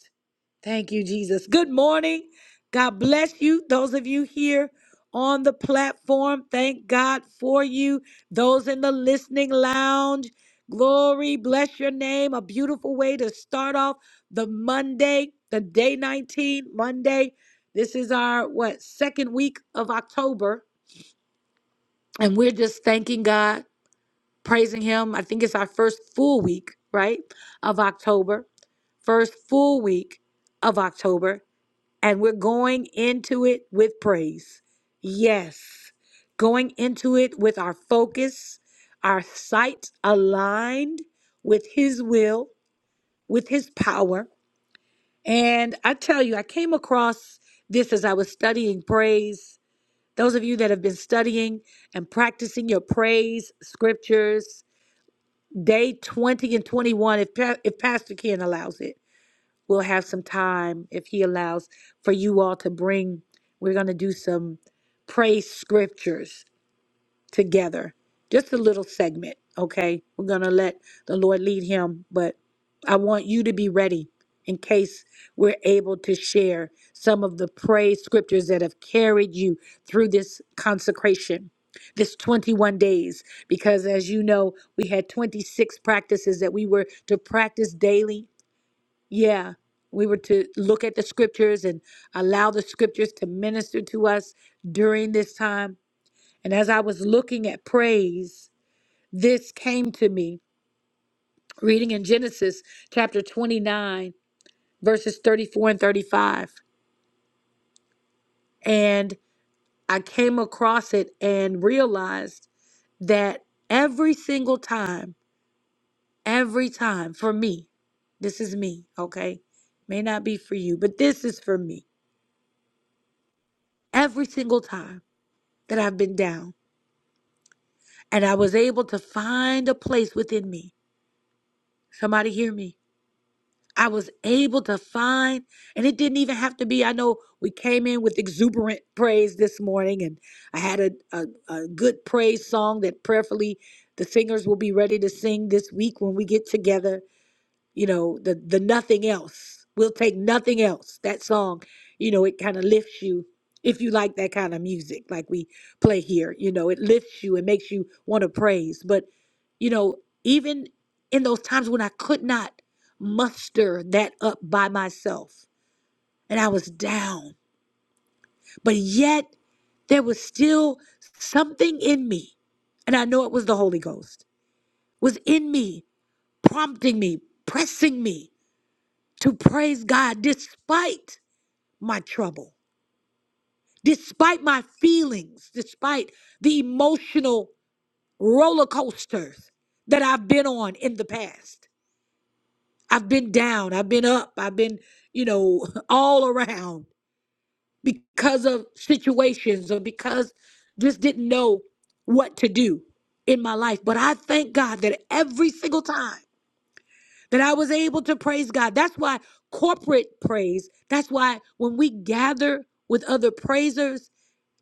Thank you, Jesus. Good morning. God bless you. Those of you here on the platform, thank God for you. Those in the listening lounge, glory, bless your name. A beautiful way to start off the Monday, the day 19, Monday. This is our, what, second week of October. And we're just thanking God, praising Him. I think it's our first full week, right, of October. First full week of October and we're going into it with praise. Yes, going into it with our focus, our sight aligned with His will, with His power. And I tell you, I came across this as I was studying praise. Those of you that have been studying and practicing your praise scriptures, day 20 and 21, if, Pa- if Pastor Ken allows it we'll have some time if he allows for you all to bring we're going to do some praise scriptures together just a little segment okay we're going to let the lord lead him but i want you to be ready in case we're able to share some of the praise scriptures that have carried you through this consecration this 21 days because as you know we had 26 practices that we were to practice daily yeah, we were to look at the scriptures and allow the scriptures to minister to us during this time. And as I was looking at praise, this came to me reading in Genesis chapter 29, verses 34 and 35. And I came across it and realized that every single time, every time for me, this is me, okay? May not be for you, but this is for me. Every single time. that I've been down. And I was able to find a place within me. Somebody hear me. I was able to find, and it didn't even have to be. I know we came in with exuberant praise this morning, and I had a, a, a good praise song that prayerfully the singers will be ready to sing this week when we get together. you know the the nothing else we'll take nothing else that song you know it kind of lifts you if you like that kind of music like we play here you know it lifts you and makes you want to praise but you know even in those times when i could not muster that up by myself and i was down but yet there was still something in me and i know it was the holy ghost was in me prompting me pressing me to praise God despite my trouble, despite my feelings, despite the emotional roller coasters that I've been on in the past. I've been down, I've been up, I've been, you know, all around because of situations or because just didn't know what to do in my life. But I thank God that every single time that I was able to praise God. That's why corporate praise, that's why when we gather with other praisers,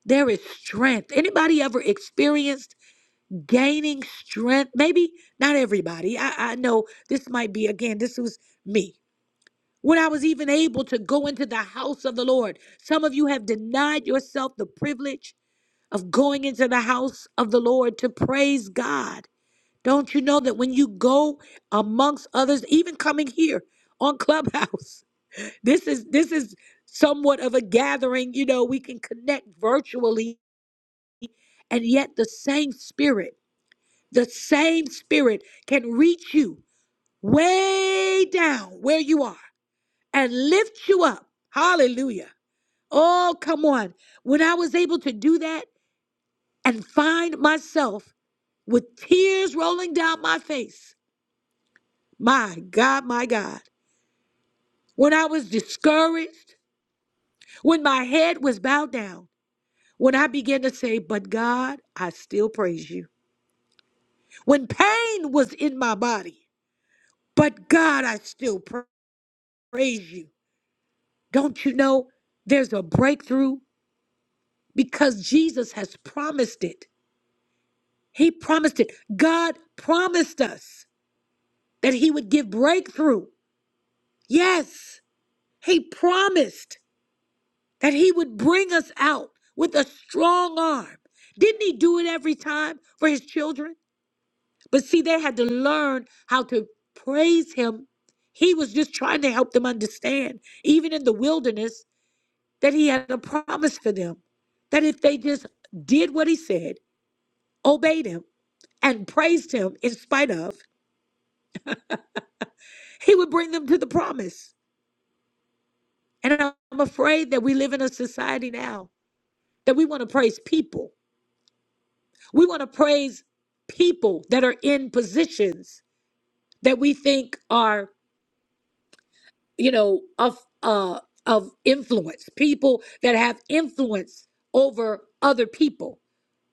there is strength. Anybody ever experienced gaining strength? Maybe not everybody. I, I know this might be, again, this was me. When I was even able to go into the house of the Lord, some of you have denied yourself the privilege of going into the house of the Lord to praise God. Don't you know that when you go amongst others, even coming here on Clubhouse, this is this is somewhat of a gathering, you know, we can connect virtually and yet the same spirit, the same spirit can reach you way down where you are and lift you up. Hallelujah. Oh, come on. When I was able to do that and find myself with tears rolling down my face, my God, my God. when I was discouraged, when my head was bowed down, when I began to say, But God, I still praise you. When pain was in my body, but God, I still pra- praise you. Don't you know there's a breakthrough because Jesus has promised it? He promised it. God promised us that He would give breakthrough. Yes, He promised. that he would bring us out with a strong arm. Didn't he do it every time for his children? But see, they had to learn how to praise him. He was just trying to help them understand, even in the wilderness, that he had a promise for them that if they just did what he said, obeyed him, and praised him in spite of, he would bring them to the promise. And I'm afraid that we live in a society now that we want to praise people We want to praise people that are in positions that we think are, you know, of uh of influence, people that have influence over other people.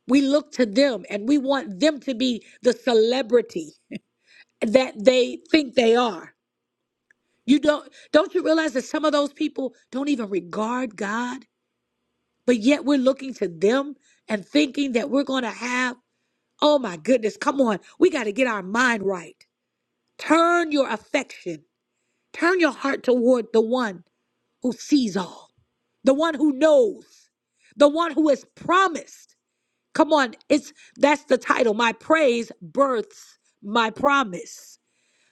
We look to them and we want them to be the celebrity that they think they are. You don't don't you realize that some of those people don't even regard God, but yet we're looking to them and thinking that we're going to have, oh my goodness, come on, we got to get our mind right. Turn your affection, turn your heart toward the one who sees all, the one who knows, the one who has promised. Come on, it's that's the title. My praise births my promise.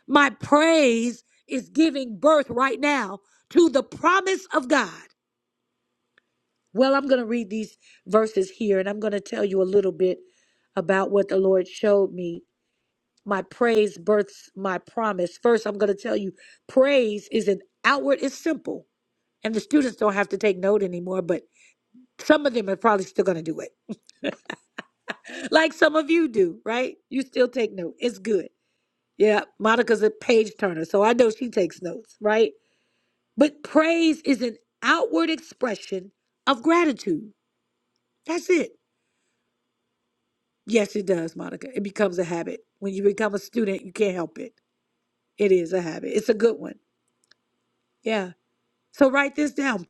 My praise is giving birth right now to the promise of God. Well, I'm going to read these verses here and I'm going to tell you a little bit about what the Lord showed me My praise births my promise. First, I'm going to tell you praise is an outward, it's simple. And the students don't have to take note anymore, but some of them are probably still going to do it. Like some of you do, right? You still take note. It's good. Yeah, Monica's a page turner, so I know she takes notes, right? But praise is an outward expression of gratitude. That's it. Yes, it does, Monica. It becomes a habit. When you become a student, you can't help it. It is a habit. It's a good one. Yeah. So write this down.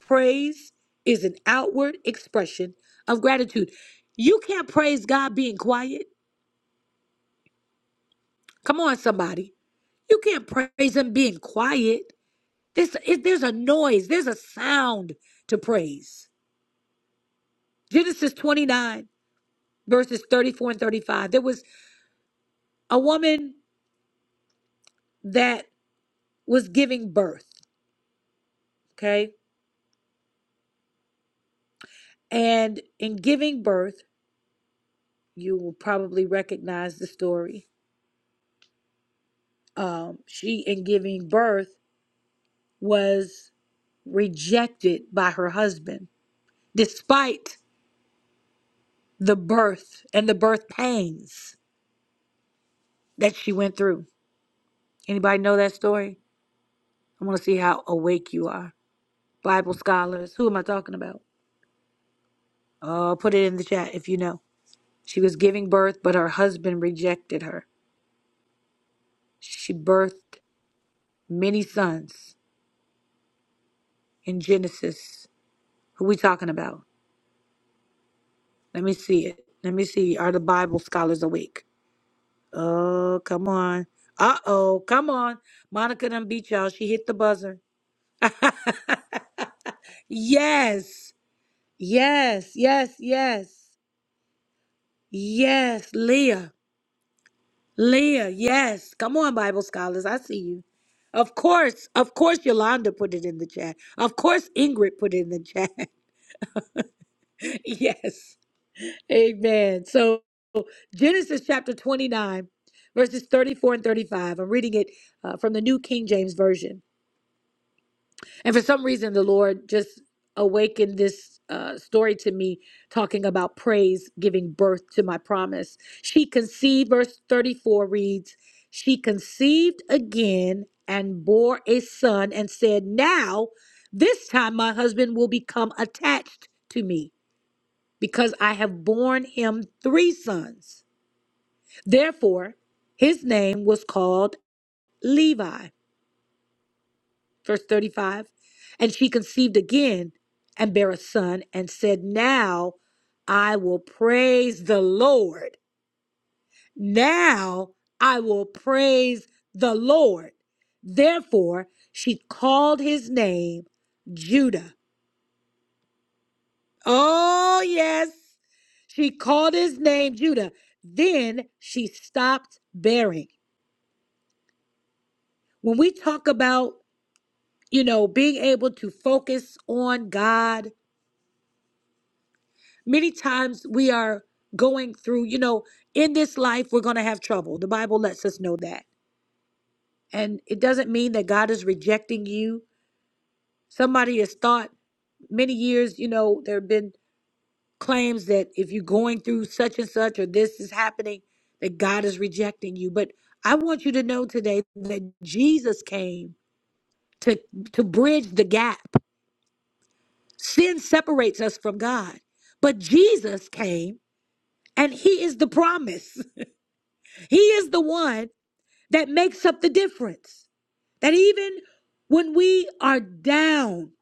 Praise is an outward expression of gratitude. You can't praise God being quiet. Come on, somebody. You can't praise Him being quiet. This it, there's a noise, there's a sound to praise. Genesis 29, verses 34 and 35. There was a woman that was giving birth, okay? And in giving birth, you will probably recognize the story. Um, she, in giving birth, was rejected by her husband, despite the birth and the birth pains that she went through. Anybody know that story? I want to see how awake you are. Bible scholars, who am I talking about? Uh, put it in the chat if you know. She was giving birth, but her husband rejected her. She birthed many sons in Genesis. Who we talking about? Let me see it. Let me see. Are the Bible scholars awake? Oh, come on. Uh oh, come on. Monica done beat y'all. She hit the buzzer. Yes, yes, yes, yes, yes. Leah, Leah, yes. Come on, Bible scholars. I see you. Of course, of course, Yolanda put it in the chat. Of course, Ingrid put it in the chat. yes, amen. So, Genesis chapter 29, verses 34 and 35. I'm reading it uh, from the New King James Version. And for some reason, the Lord just awakened this uh, story to me, talking about praise giving birth to my promise. She conceived, verse 34 reads, She conceived again and bore a son and said, Now, this time my husband will become attached to me because I have borne him three sons. Therefore, his name was called Levi. verse 35. And she conceived again and bare a son and said, Now I will praise the Lord. Now I will praise the Lord. Therefore, she called his name Judah. Oh, yes, she called his name Judah. Then she stopped bearing. When we talk about, you know, being able to focus on God Many times we are going through, you know, in this life, we're going to have trouble. The Bible lets us know that. And it doesn't mean that God is rejecting you. Somebody has thought many years, you know, there have been claims that if you're going through such and such or this is happening, that God is rejecting you. But I want you to know today that Jesus came to, to bridge the gap. Sin separates us from God, but Jesus came and he is the promise. He is the one that makes up the difference. That even when we are down,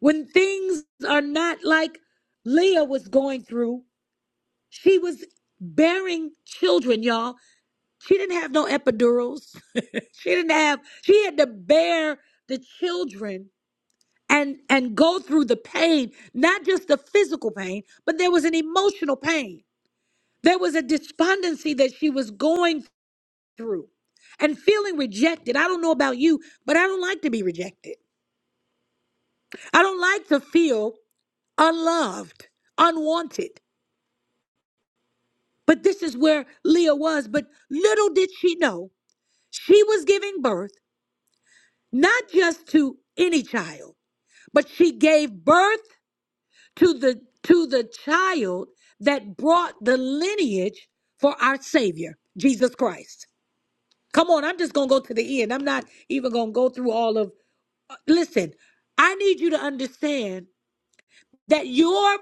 when things are not like Leah was going through, she was bearing children, y'all. She didn't have no epidurals. she didn't have, she had to bear the children and and go through the pain, not just the physical pain, but there was an emotional pain. There was a despondency that she was going through and feeling rejected. I don't know about you, but I don't like to be rejected. I don't like to feel unloved, unwanted. But this is where Leah was. But little did she know, she was giving birth not just to any child, but she gave birth to the to the child that brought the lineage for our Savior, Jesus Christ. Come on, I'm just gonna go to the end. I'm not even gonna go through all of Listen, I need you to understand that your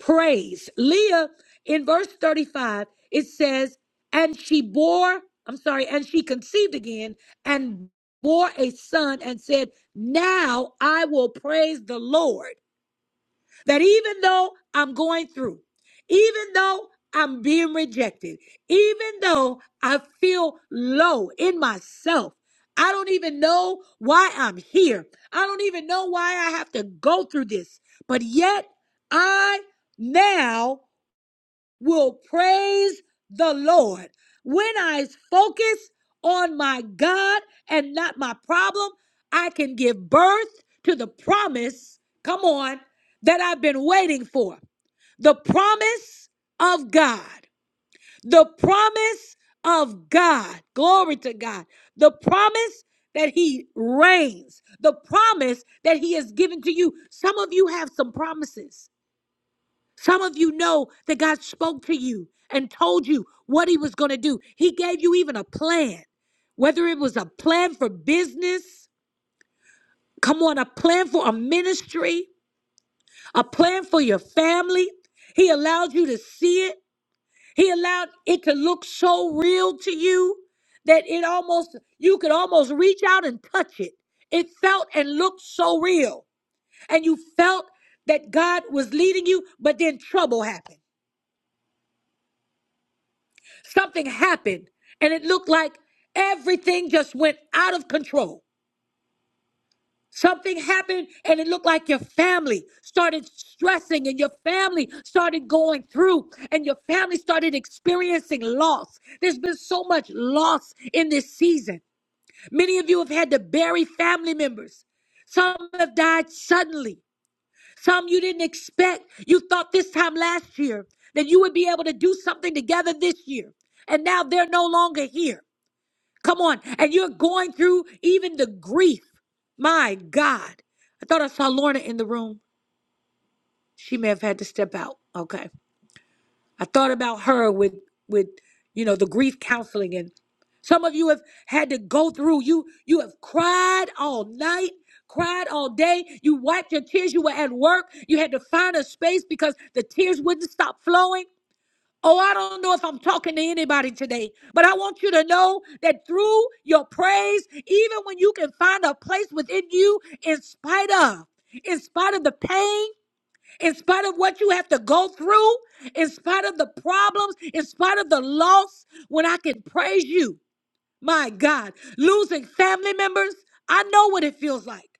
praise, Leah, in verse 35, it says, and she bore, I'm sorry, and she conceived again and bore a son and said, Now I will praise the Lord that even though I'm going through, even though I'm being rejected, even though I feel low in myself, I don't even know why I'm here. I don't even know why I have to go through this. But yet, I now will praise the Lord. When I focus on my God and not my problem, I can give birth to the promise, come on, that I've been waiting for. The promise of God. The promise of God. Glory to God. The promise that He reigns. The promise that He has given to you. Some of you have some promises. Some of you know that God spoke to you and told you what He was going to do. He gave you even a plan, whether it was a plan for business, come on, a plan for a ministry, a plan for your family. He allowed you to see it, He allowed it to look so real to you that it almost, you could almost reach out and touch it. It felt and looked so real. And you felt that God was leading you, but then trouble happened. Something happened, and it looked like everything just went out of control. Something happened, and it looked like your family started stressing, and your family started going through, and your family started experiencing loss. There's been so much loss in this season. Many of you have had to bury family members. Some have died suddenly. Some you didn't expect. You thought this time last year that you would be able to do something together this year. And now they're no longer here. Come on. And you're going through even the grief. My God. I thought I saw Lorna in the room. She may have had to step out. Okay. I thought about her with with you know the grief counseling and some of you have had to go through you you have cried all night cried all day you wiped your tears you were at work you had to find a space because the tears wouldn't stop flowing Oh, I don't know if I'm talking to anybody today, but I want you to know that through your praise, even when you can find a place within you, in spite of, in spite of the pain, in spite of what you have to go through, in spite of the problems, in spite of the loss, when I can praise you, my God, losing family members, I know what it feels like.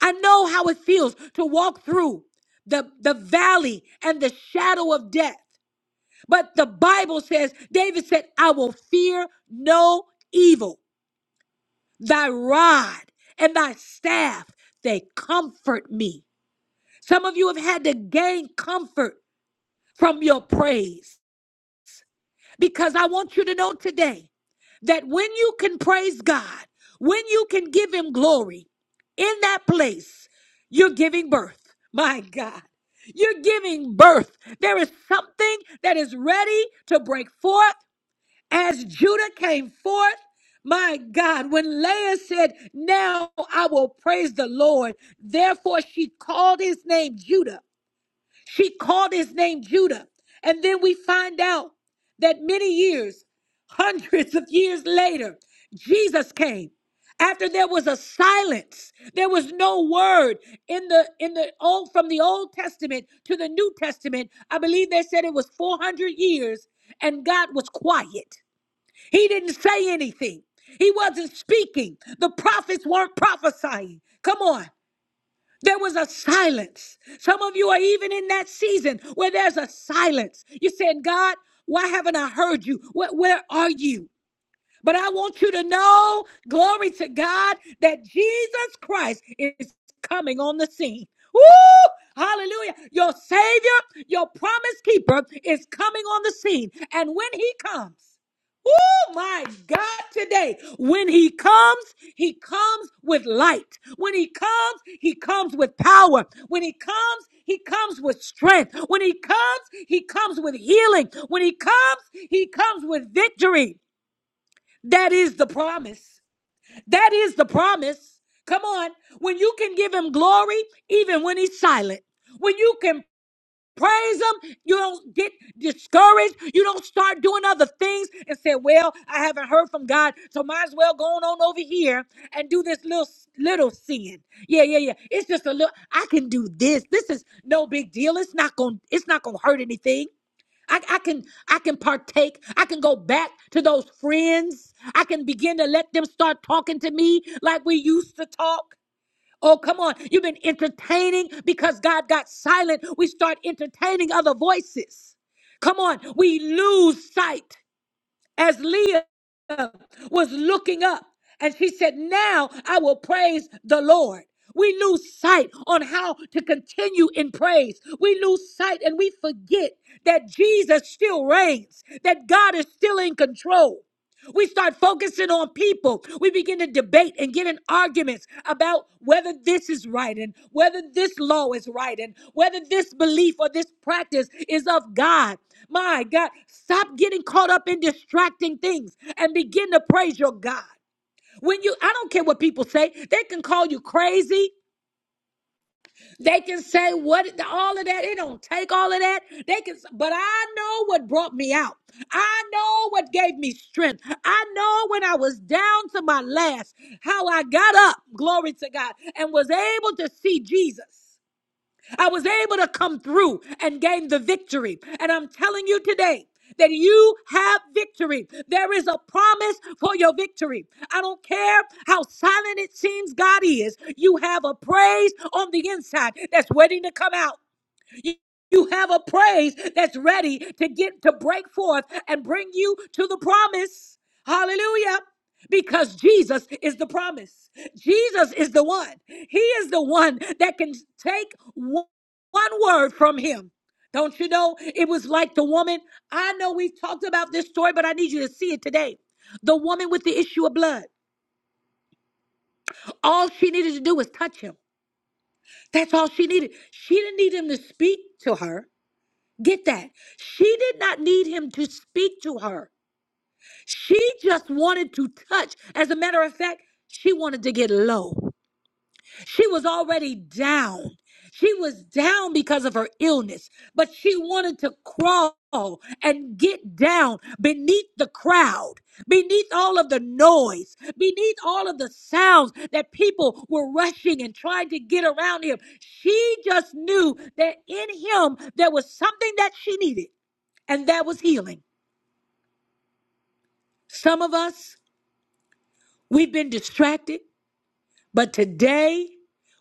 I know how it feels to walk through the, the valley and the shadow of death. But the Bible says, David said, I will fear no evil. Thy rod and thy staff, they comfort me. Some of you have had to gain comfort from your praise because I want you to know today that when you can praise God, when you can give Him glory in that place, you're giving birth. My God. You're giving birth. There is something that is ready to break forth. as Judah came forth, my God, when Leah said, Now I will praise the Lord, therefore she called his name Judah. She called his name Judah. And then we find out that many years, hundreds of years later, Jesus came. After there was a silence, there was no word in the in the old from the Old Testament to the New Testament. I believe they said it was 400 years and God was quiet. He didn't say anything. He wasn't speaking. The prophets weren't prophesying. Come on. There was a silence. Some of you are even in that season where there's a silence. You're saying, God, why haven't I heard you? Where, where are you? But I want you to know, glory to God, that Jesus Christ is coming on the scene. Woo! Hallelujah. Your Savior, your promise keeper is coming on the scene. And when he comes, Oh my God, today, when he comes, he comes with light. When he comes, he comes with power. When he comes, he comes with strength. When he comes, he comes with healing. When he comes, he comes with victory. That is the promise. That is the promise. Come on. When you can give him glory, even when he's silent, when you can praise him, you don't get discouraged. You don't start doing other things and say, Well, I haven't heard from God, so might as well go on over here and do this little little sin. Yeah, yeah, yeah. It's just a little I can do this. This is no big deal. It's not gonna it's not gonna hurt anything. I, I can I can partake. I can go back to those friends. I can begin to let them start talking to me like we used to talk. Oh, come on. You've been entertaining because God got silent. We start entertaining other voices. Come on. We lose sight as Leah was looking up and she said, Now I will praise the Lord. We lose sight on how to continue in praise. We lose sight and we forget that Jesus still reigns, that God is still in control. We start focusing on people. We begin to debate and get in arguments about whether this is right and whether this law is right and whether this belief or this practice is of God. My God, stop getting caught up in distracting things and begin to praise your God. When you, I don't care what people say, they can call you crazy. They can say what all of that. It don't take all of that. They can, but I know what brought me out. I know what gave me strength. I know when I was down to my last, how I got up. Glory to God, and was able to see Jesus. I was able to come through and gain the victory. And I'm telling you today, that you have victory. There is a promise for your victory. I don't care how silent it seems God is, you have a praise on the inside that's waiting to come out. You you have a praise that's ready to get to break forth and bring you to the promise. Hallelujah. Because Jesus is the promise. Jesus is the one. He is the one that can take one one word from him. Don't you know? It was like the woman. I know we've talked about this story, but I need you to see it today. The woman with the issue of blood. All she needed to do was touch him. That's all she needed. She didn't need him to speak to her. Get that. She did not need him to speak to her. She just wanted to touch. As a matter of fact, she wanted to get low. She was already down. She was down because of her illness, but she wanted to crawl and get down beneath the crowd, beneath all of the noise, beneath all of the sounds that people were rushing and trying to get around him. She just knew that in him there was something that she needed and that was healing. Some of us, we've been distracted, but today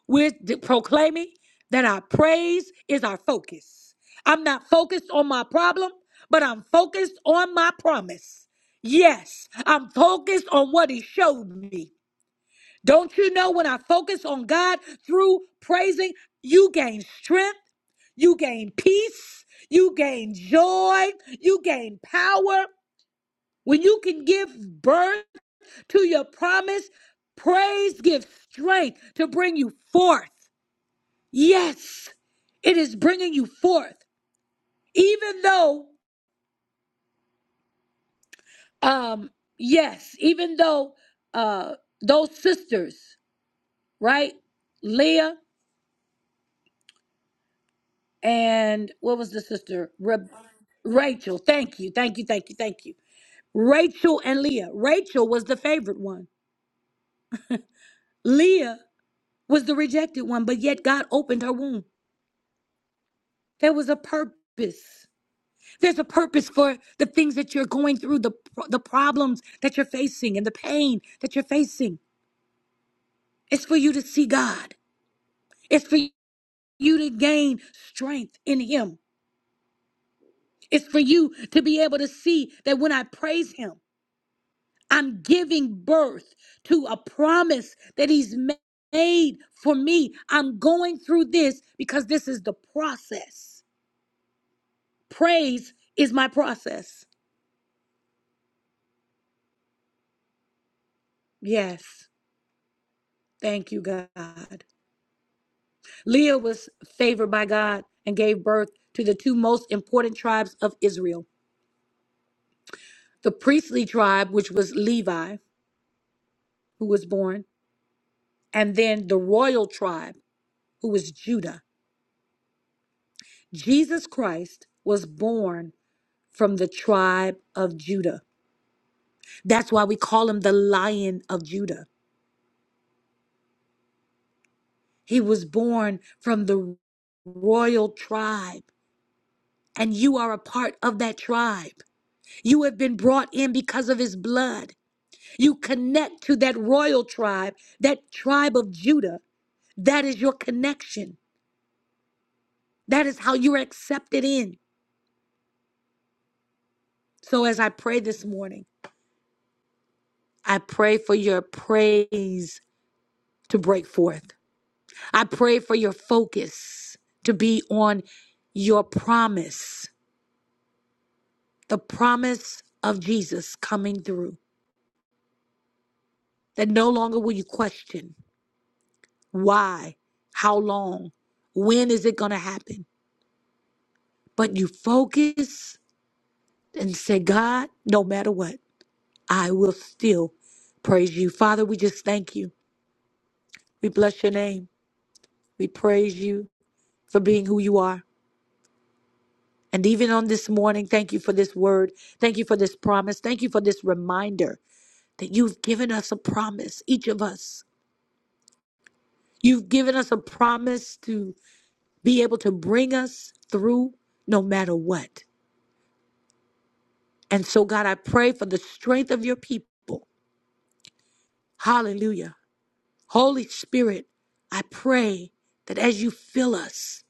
we're de- proclaiming that our praise is our focus. I'm not focused on my problem, but I'm focused on my promise. Yes, I'm focused on what He showed me. Don't you know when I focus on God through praising, you gain strength, you gain peace, you gain joy, you gain power. When you can give birth to your promise. Praise gives strength to bring you forth. Yes, it is bringing you forth. Even though, um, yes, even though uh, those sisters, right? Leah and what was the sister? Re- Rachel. Thank you. Thank you. Thank you. Thank you. Rachel and Leah. Rachel was the favorite one. Leah was the rejected one, but yet God opened her womb. There was a purpose. There's a purpose for the things that you're going through, the pro- the problems that you're facing and the pain that you're facing. It's for you to see God. It's for you to gain strength in him. It's for you to be able to see that when I praise him, I'm giving birth to a promise that he's ma- made for me. I'm going through this because this is the process. Praise is my process. Yes. Thank you, God. Leah was favored by God and gave birth to the two most important tribes of Israel the priestly tribe, which was Levi, who was born, and then the royal tribe, who was Judah. Jesus Christ was born from the tribe of Judah. That's why we call him the Lion of Judah. He was born from the royal tribe, and you are a part of that tribe. You have been brought in because of his blood. You connect to that royal tribe, that tribe of Judah. That is your connection. That is how you're accepted in. So as I pray this morning, I pray for your praise to break forth. I pray for your focus to be on your promise, the promise of Jesus coming through. That no longer will you question why, how long, when is it going to happen? But you focus and say, God, no matter what, I will still praise you. Father, we just thank you. We bless your name. We praise you for being who you are. And even on this morning, thank you for this word. Thank you for this promise. Thank you for this reminder that you've given us a promise, each of us. You've given us a promise to be able to bring us through no matter what. And so, God, I pray for the strength of your people. Hallelujah Holy Spirit, I pray that as you fill us,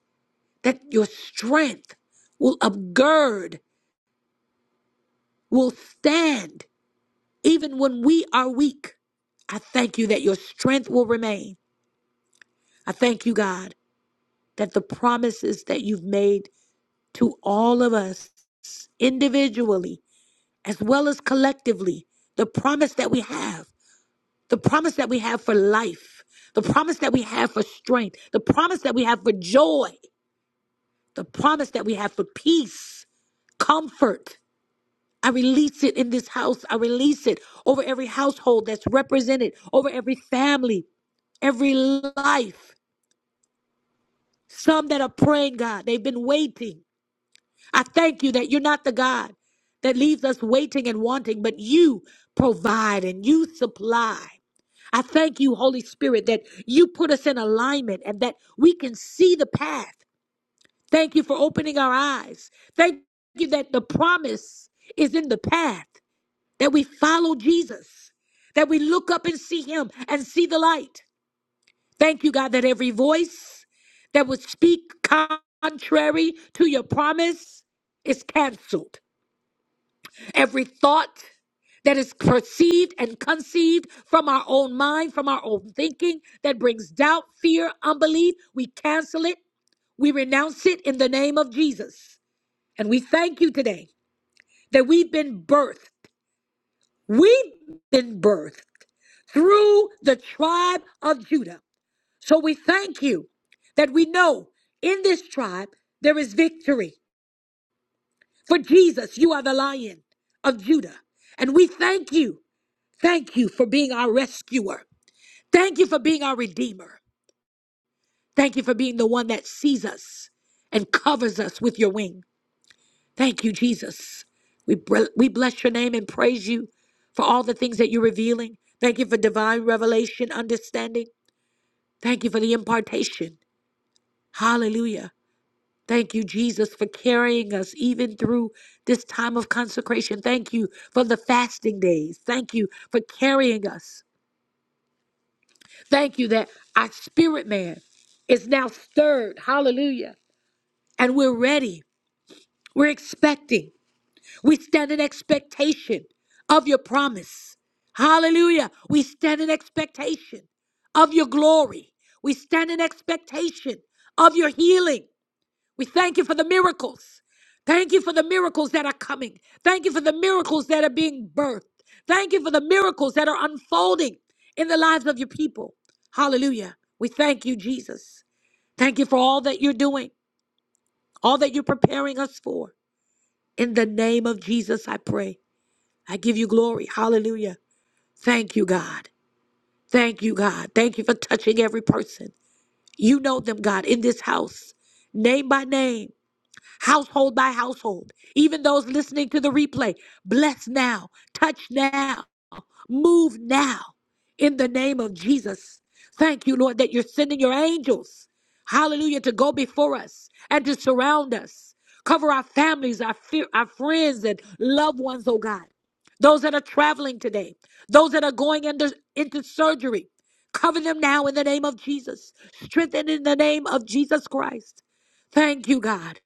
that your strength will upgird, will stand even when we are weak. I thank you that your strength will remain. I thank you, God, that the promises that you've made to all of us individually as well as collectively, the promise that we have, the promise that we have for life, the promise that we have for strength, the promise that we have for joy. The promise that we have for peace, comfort. I release it in this house. I release it over every household that's represented, over every family, every life. Some that are praying, God, they've been waiting. I thank you that you're not the God that leaves us waiting and wanting, but you provide and you supply. I thank you, Holy Spirit, that you put us in alignment and that we can see the path. Thank you for opening our eyes. Thank you that the promise is in the path, that we follow Jesus, that we look up and see him and see the light. Thank you, God, that every voice that would speak contrary to your promise is canceled. Every thought that is perceived and conceived from our own mind, from our own thinking, that brings doubt, fear, unbelief, we cancel it. We renounce it in the name of Jesus. And we thank you today that we've been birthed. We've been birthed through the tribe of Judah. So we thank you that we know in this tribe there is victory. For Jesus, you are the lion of Judah. And we thank you. Thank you for being our rescuer. Thank you for being our redeemer. Thank you for being the one that sees us and covers us with your wings. Thank you, Jesus. We, br- we bless your name and praise you for all the things that you're revealing. Thank you for divine revelation, understanding. Thank you for the impartation. Hallelujah. Thank you, Jesus, for carrying us even through this time of consecration. Thank you for the fasting days. Thank you for carrying us. Thank you that our spirit man is now stirred. Hallelujah. And we're ready. We're expecting. We stand in expectation of your promise. Hallelujah. We stand in expectation of your glory. We stand in expectation of your healing. We thank you for the miracles. Thank you for the miracles that are coming. Thank you for the miracles that are being birthed. Thank you for the miracles that are unfolding in the lives of your people. Hallelujah. We thank you, Jesus. Thank you for all that you're doing, all that you're preparing us for. In the name of Jesus, I pray. I give you glory. Hallelujah. Thank you, God. Thank you, God. Thank you for touching every person. You know them, God, in this house, name by name, household by household. Even those listening to the replay, bless now, touch now. Move now in the name of Jesus. Thank you, Lord, that you're sending your angels, hallelujah, to go before us and to surround us. Cover our families, our, fear, our friends, and loved ones, oh God. Those that are traveling today, those that are going under, into surgery, cover them now in the name of Jesus. Strengthen in the name of Jesus Christ. Thank you, God.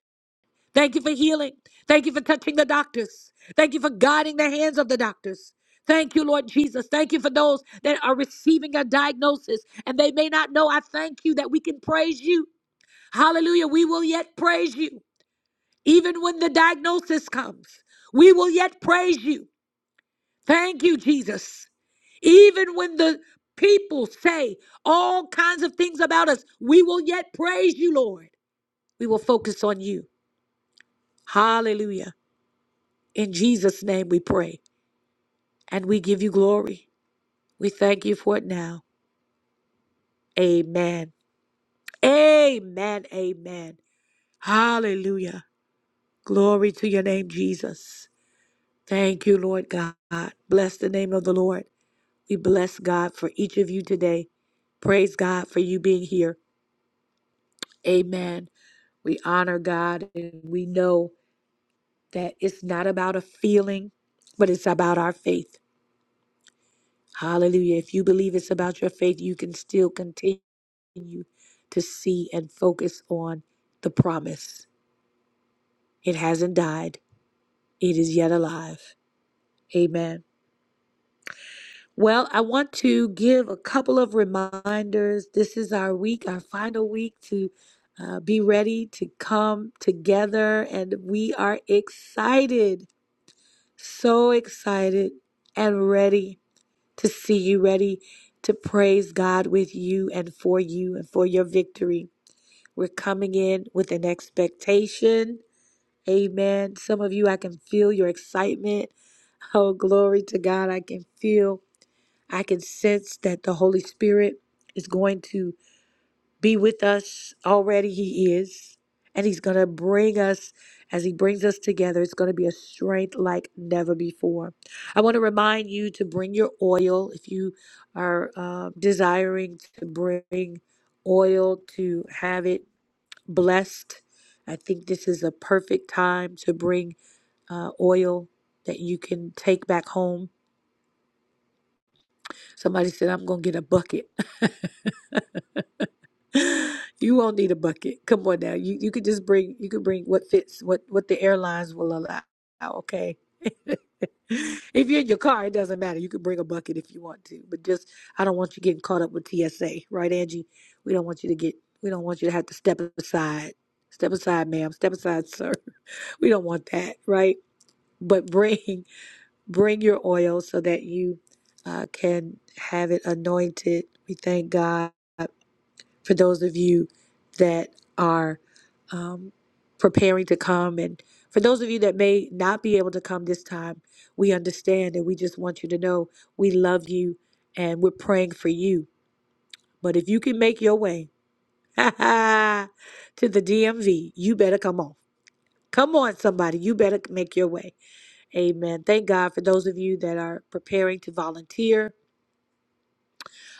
Thank you for healing. Thank you for touching the doctors. Thank you for guiding the hands of the doctors. Thank you, Lord Jesus. Thank you for those that are receiving a diagnosis and they may not know. I thank you that we can praise you. Hallelujah. We will yet praise you. Even when the diagnosis comes, we will yet praise you. Thank you, Jesus. Even when the people say all kinds of things about us, we will yet praise you, Lord. We will focus on you. Hallelujah. In Jesus' name we pray and we give you glory. We thank you for it now. Amen. Amen. Amen. Hallelujah. Glory to your name, Jesus. Thank you, Lord God. Bless the name of the Lord. We bless God for each of you today. Praise God for you being here. Amen. We honor God and we know that it's not about a feeling, but it's about our faith. Hallelujah. If you believe it's about your faith, you can still continue. continue to see and focus on the promise. It hasn't died, it is yet alive. Amen. Well, I want to give a couple of reminders. This is our week, our final week to uh, be ready to come together, and we are excited, so excited and ready to see you, ready to praise God with you and for you and for your victory. We're coming in with an expectation Amen. Some of you, I can feel your excitement. Oh, glory to God. I can feel, I can sense that the Holy Spirit is going to be with us already. He is. And He's going to bring us, as He brings us together, it's going to be a strength like never before. I want to remind you to bring your oil if you are uh, desiring to bring oil to have it blessed. I think this is a perfect time to bring uh, oil that you can take back home. Somebody said, I'm going to get a bucket. you won't need a bucket. Come on now. You, you could just bring, you could bring what fits, what, what the airlines will allow. Okay. if you're in your car, it doesn't matter. You could bring a bucket if you want to, but just, I don't want you getting caught up with TSA, right, Angie? We don't want you to get, we don't want you to have to step aside. Step aside, ma'am. Step aside, sir. We don't want that, right? But bring bring your oil so that you uh, can have it anointed. We thank God for those of you that are um, preparing to come. And for those of you that may not be able to come this time, we understand and we just want you to know we love you and we're praying for you. But if you can make your way to the DMV, you better come on. Come on, somebody. You better make your way Amen. Thank God for those of you that are preparing to volunteer.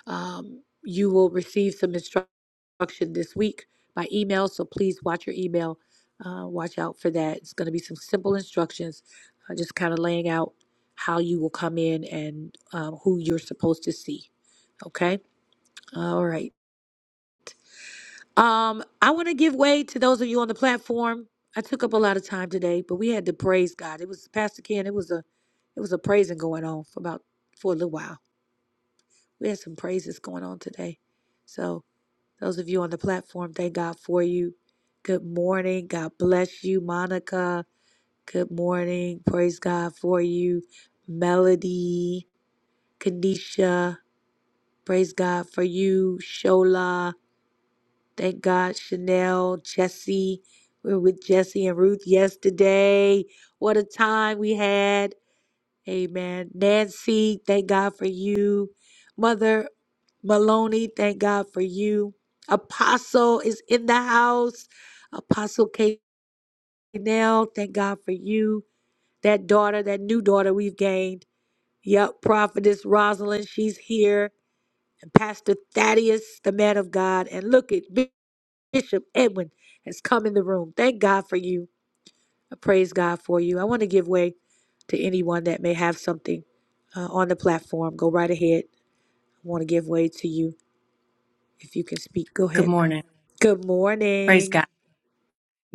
Um, you will receive some instruction this week by email, so please watch your email. Uh, watch out for that. It's going to be some simple instructions, uh, just kind of laying out how you will come in and um, who you're supposed to see. Okay? All right. Um, I want to give way to those of you on the platform. I took up a lot of time today, but we had to praise God. It was Pastor Ken. It was a, it was a praising going on for about for a little while. We had some praises going on today. So those of you on the platform, thank God for you. Good morning. God bless you, Monica. Good morning. Praise God for you, Melody, Kanisha. Praise God for you, Shola. Thank God, Chanel, Jesse. We were with Jesse and Ruth yesterday. What a time we had. Amen. Nancy, thank God for you. Mother Maloney, thank God for you. Apostle is in the house. Apostle K. Nell, thank God for you. That daughter, that new daughter we've gained. Yep, Prophetess Rosalind, she's here. And Pastor Thaddeus, the man of God. And look at Bishop Edwin has come in the room. Thank God for you. I praise God for you. I want to give way to anyone that may have something uh, on the platform. Go right ahead. I want to give way to you if you can speak. Go
Good
ahead.
morning.
Good
Praise
morning.
God.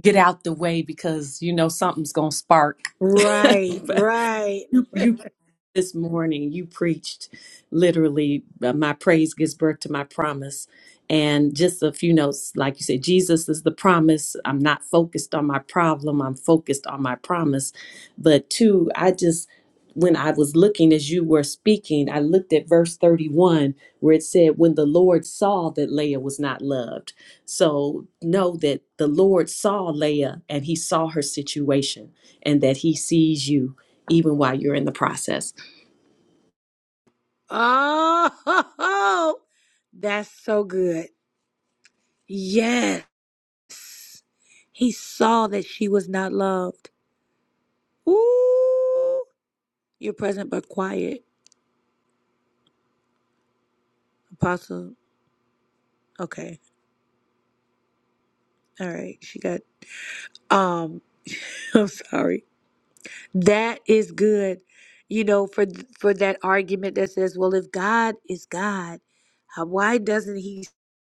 Get out the way because you know something's gonna spark.
Right,
But
right.
you, you this morning you preached literally uh, my praise gives birth to my promise and just a few notes like you said jesus is the promise i'm not focused on my problem i'm focused on my promise but two i just when i was looking as you were speaking i looked at verse 31 where it said when the lord saw that leah was not loved so know that the lord saw leah and he saw her situation and that he sees you even while you're in the process
Oh, that's so good. Yes. He saw that she was not loved. Ooh, you're present but quiet, Apostle. Okay. All right. She got. Um, I'm sorry. That is good. You know, for th- for that argument that says, well, if God is God, uh, why doesn't he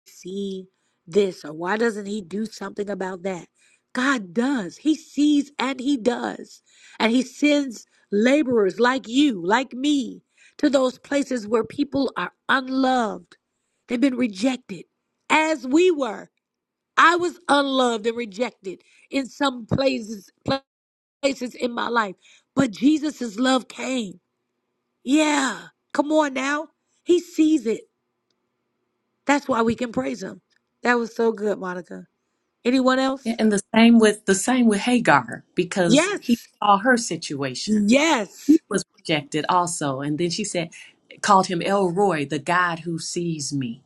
see this or why doesn't he do something about that? God does. He sees and he does. And he sends laborers like you, like me, to those places where people are unloved. They've been rejected as we were. I was unloved and rejected in some places places in my life. But Jesus' love came. Yeah. Come on now. He sees it. That's why we can praise him. That was so good, Monica. Anyone
Yeah,
else?
and the same with the same with Hagar because
Yes.
he saw her situation. He
Yes.
was rejected also, and then she said, called him El Roy, the God who sees me.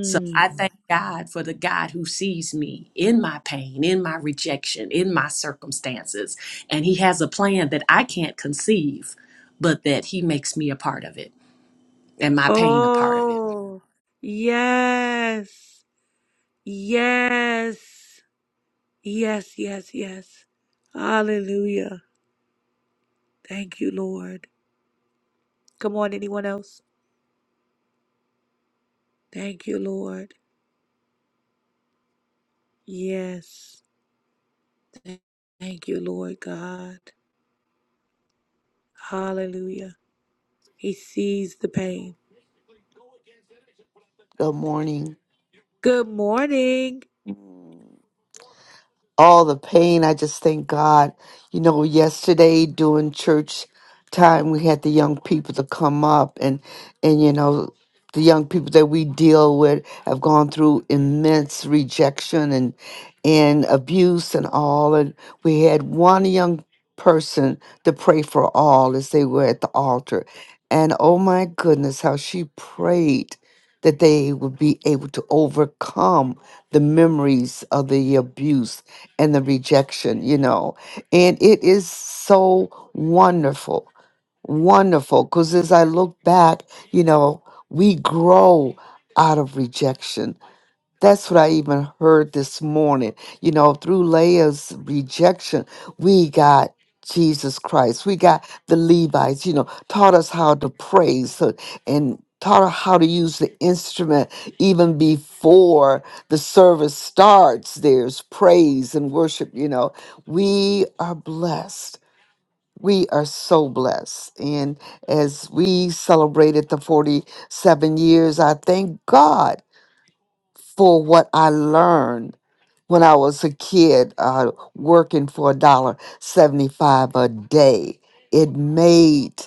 So I thank God for the God who sees me in my pain, in my rejection, in my circumstances, and He has a plan that I can't conceive, but that He makes me a part of it and my pain a part of it.
Oh, yes. Yes. Yes, yes, yes. Hallelujah. Thank you, Lord. Come on, anyone else? Thank you, Lord. Yes. Thank you, Lord God. Hallelujah. He sees the pain. Good morning.
um, the memories of the abuse and the rejection, you know. And it is so wonderful, wonderful. Because as I look back, you know, we grow out of rejection. That's what I even heard this morning. You know, through Leah's rejection, we got Jesus Christ. We got the Levites, you know, taught us how to praise uh, and taught us how to use the instrument even before the service starts. There's praise and worship, you know. We are blessed. We are so blessed. And as we celebrated the 47 years, I thank God for what I learned when I was a kid, uh, working for a dollar seventy-five a day. It made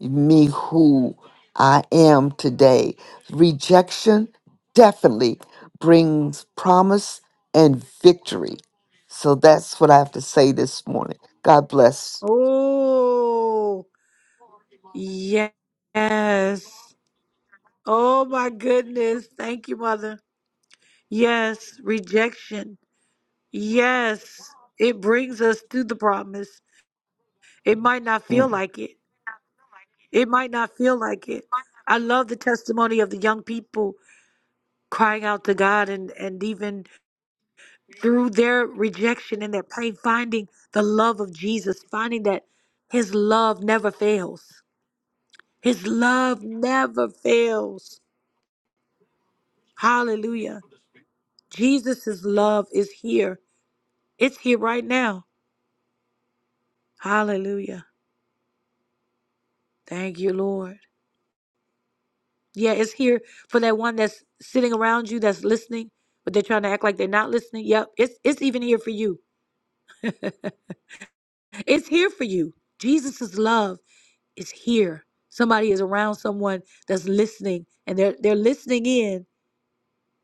me who I am today. Rejection definitely brings promise and victory. So that's what I have to say this morning. God bless.
Oh, Yes. Oh my goodness. Thank you, Mother. Yes, rejection. Yes, it brings us to the promise. It might not
Mm.
feel like it. It might not feel like it. I love the testimony of the young people crying out to God and, and even through their rejection and their pain, finding the love of Jesus, finding that his love never fails. His love never fails. Hallelujah. Jesus' love is here. It's here right now. Hallelujah. Thank you, Lord. Yeah, it's here for that one that's sitting around you that's listening, but they're trying to act like they're not listening. Yep, it's it's even here for you. it's here for you. Jesus' love. is here. Somebody is around someone that's listening and they're they're listening in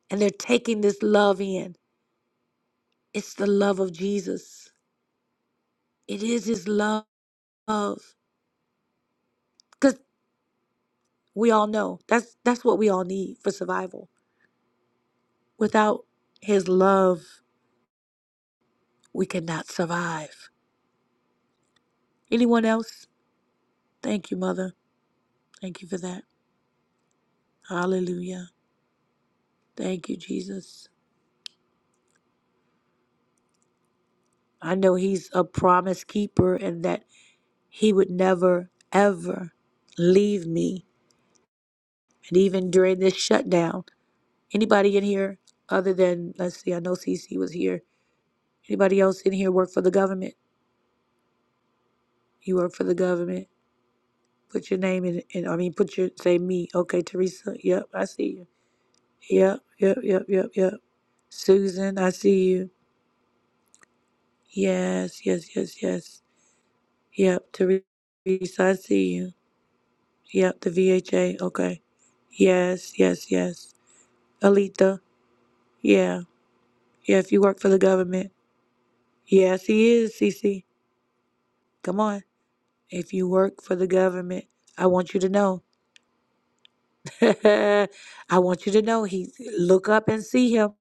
and they're taking this love in. It's the love of Jesus. It is his love. Cuz we all know that's that's what we all need for survival. Without his love, we cannot survive. Anyone else? Thank you, mother. Thank you for that. Hallelujah. Thank you, Jesus. I know he's a promise keeper and that He would never, ever leave me. And even during this shutdown, anybody in here other than, let's see, I know CC was here. Anybody else in here work for the government? You work for the government. Put your name in, in I mean, put your, say me. Okay, Teresa. Yep, I see you. Yep, yep, yep, yep, yep. Susan, I see you. Yes, yes, yes, yes. Yep, Teresa, I see you. Yep, the VHA. Okay. Yes, yes, yes. Alita. Yeah. Yeah, if you work for the government. Yes, he is, Cece. Come on. If you work for the government, I want you to know. I want you to know. He look up and see him.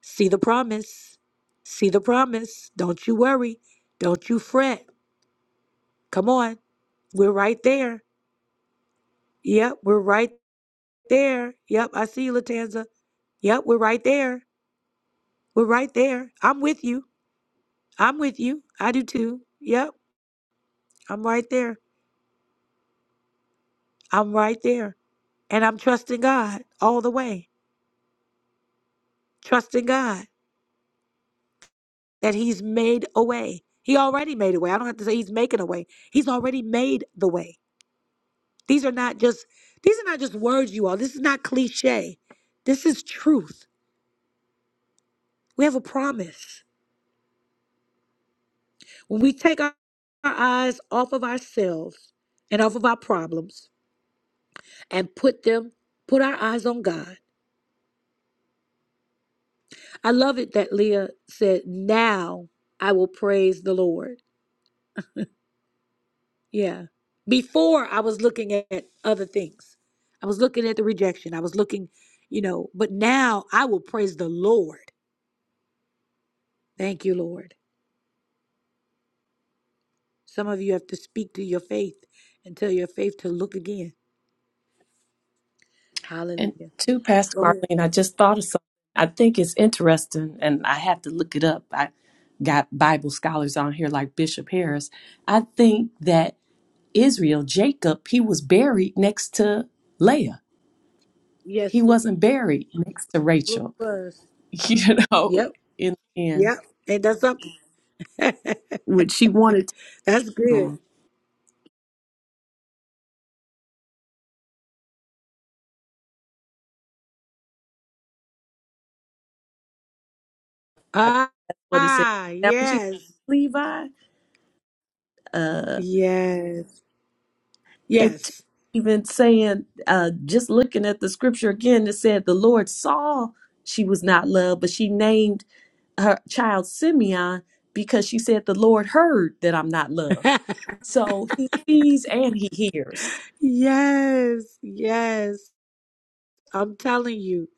See the promise. See the promise. Don't you worry. Don't you fret. Come on. We're right there. Yep, we're right there. Yep, I see you, Latanza. Yep, we're right there. We're right there. I'm with you. I'm with you. I do too. Yep, I'm right there. I'm right there. And I'm trusting God all the way. Trusting God that He's made a way. He already made a way. I don't have to say He's making a way. He's already made the way. These are not just these are not just words, you all. This is not cliche. This is truth. We have a promise. When we take our, our eyes off of ourselves and off of our problems and put them, put our eyes on God. I love it that Leah said, Now I will praise the Lord. Yeah. Before I was looking at other things. I was looking at the rejection. I was looking, you know, but now I will praise the Lord. Thank you, Lord. Some of you have to speak to your faith and tell your faith to look again.
And
Hallelujah.
to Pastor
Go ahead.
Marlene, I just thought of something. I think it's interesting, and I have to look it up. I got Bible scholars on here like Bishop Harris. I think that Israel, Jacob, he was buried next to Leah. He
Yes,
wasn't buried next to
it
Rachel,
was.
you know,
Yep.
in the end,
Yep. And that's up.
which she wanted to
that's
do
good.
I think
Ah,
that's what it said.
ah,
Is that what you
yes.
Levi? Uh,
Yes.
and
Yes.
even saying uh just looking at the scripture again it said the lord saw she was not loved but she named her child simeon because she said the lord heard that i'm not loved so he sees and he hears
yes. Yes. I'm telling you,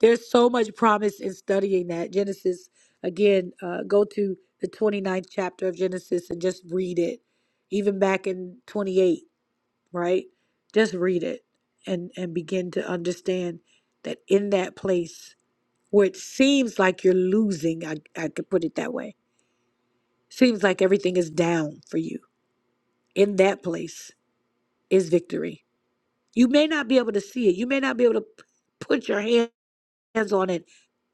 there's so much promise in studying that. Genesis, again, uh, go to the 29th chapter of Genesis and just read it, even back in 28, right? Just read it and, and begin to understand that in that place where it seems like you're losing, I, I could put it that way, seems like everything is down for you. In that place is victory. You may not be able to see it, you may not be able to p- put your hand. hands on it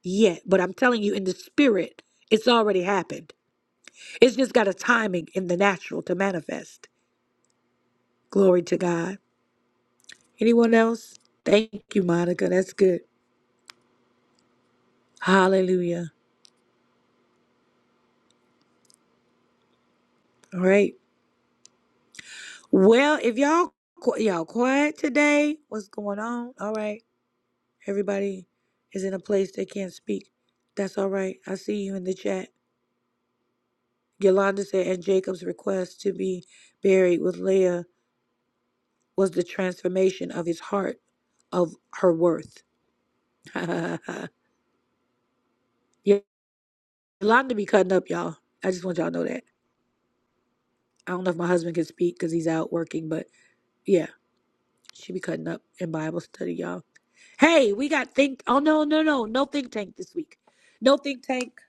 yet, but I'm telling you, in the spirit, it's already happened. It's just got a timing in the natural to manifest. Glory to God. Anyone else? Thank you, Monica. That's good. Hallelujah. All right. Well, if y'all qu- y'all quiet today, what's going on? All right. Everybody is in a place they can't speak. That's all right. I see you in the chat. Yolanda said, and Jacob's request to be buried with Leah was the transformation of his heart of her worth. yeah, Yolanda be cutting up, y'all. I just want y'all to know that. I don't know if my husband can speak because he's out working, but yeah, she be cutting up in Bible study, y'all. Hey, we got think. Oh no, no, no, no think tank this week. No think tank,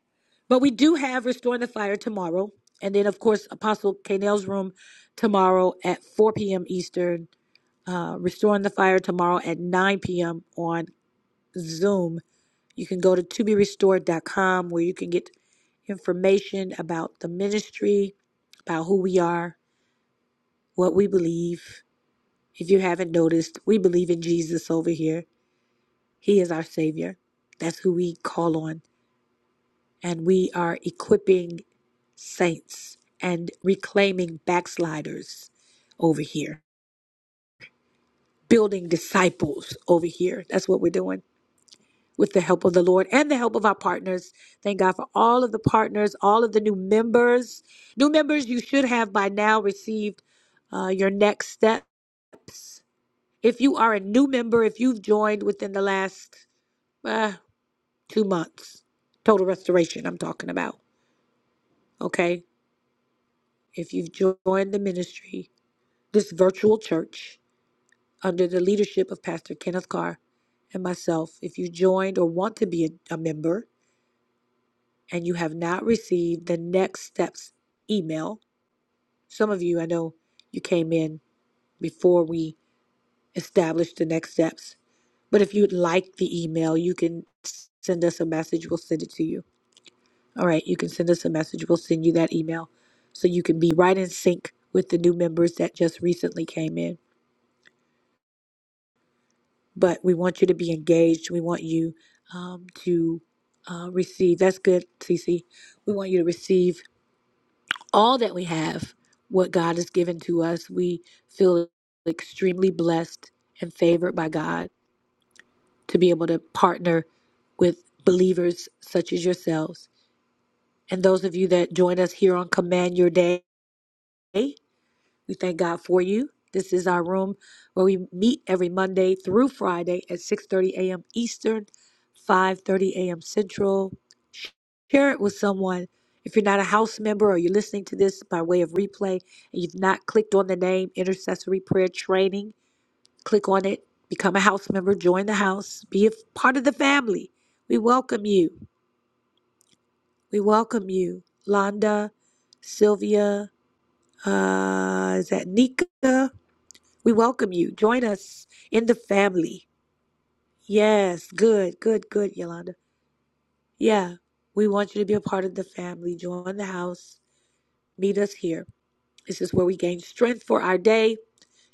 but we do have restoring the fire tomorrow, and then of course Apostle Kanell's room tomorrow at 4 p.m. Eastern. Uh, restoring the fire tomorrow at 9 p.m. on Zoom You can go to to be restored. dot com where you can get information about the ministry, about who we are, what we believe. If you haven't noticed, we believe in Jesus over here. He is our Savior. That's who we call on. And we are equipping saints and reclaiming backsliders over here, building disciples over here. That's what we're doing. with the help of the Lord and the help of our partners. Thank God for all of the partners, all of the new members. New members, you should have by now received uh, your next steps. If you are a new member, if you've joined within the last uh, two months, total restoration, I'm talking about, okay? If you've joined the ministry, this virtual church under the leadership of Pastor Kenneth Carr and myself, if you joined or want to be a, a member, and you have not received the next steps email, some of you, I know you came in before we established the next steps, but if you'd like the email, you can send us a message. We'll send it to you. All right, you can send us a message. We'll send you that email so you can be right in sync with the new members that just recently came in. But we want you to be engaged. We want you um, to uh, receive. That's good, Cece. We want you to receive all that we have, what God has given to us, we feel extremely blessed and favored by God to be able to partner with believers such as yourselves. And those of you that join us here on Command Your Day, we thank God for you. This is our room where we meet every Monday through Friday at 6:30 a.m. Eastern, 5:30 a.m. Central. Share it with someone. If you're not a house member or you're listening to this by way of replay and you've not clicked on the name Intercessory Prayer Training, click on it, become a house member, join the house, be a f- part of the family. We welcome you. We welcome you. Londa, Sylvia, uh, is that Nika? We welcome you. Join us in the family. Yes, good, good, good, Yolanda. Yeah, we want you to be a part of the family. Join the house. Meet us here. This is where we gain strength for our day,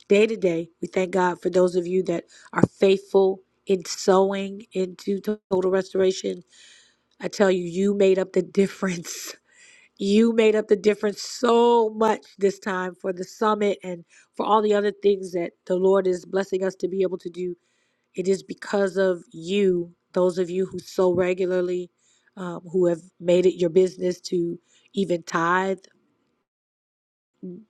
day to day. We thank God for those of you that are faithful in sowing into total restoration. I tell you, you made up the difference. You made up the difference so much this time for the summit and for all the other things that the Lord is blessing us to be able to do. It is because of you, those of you who sow regularly, um, who have made it your business to even tithe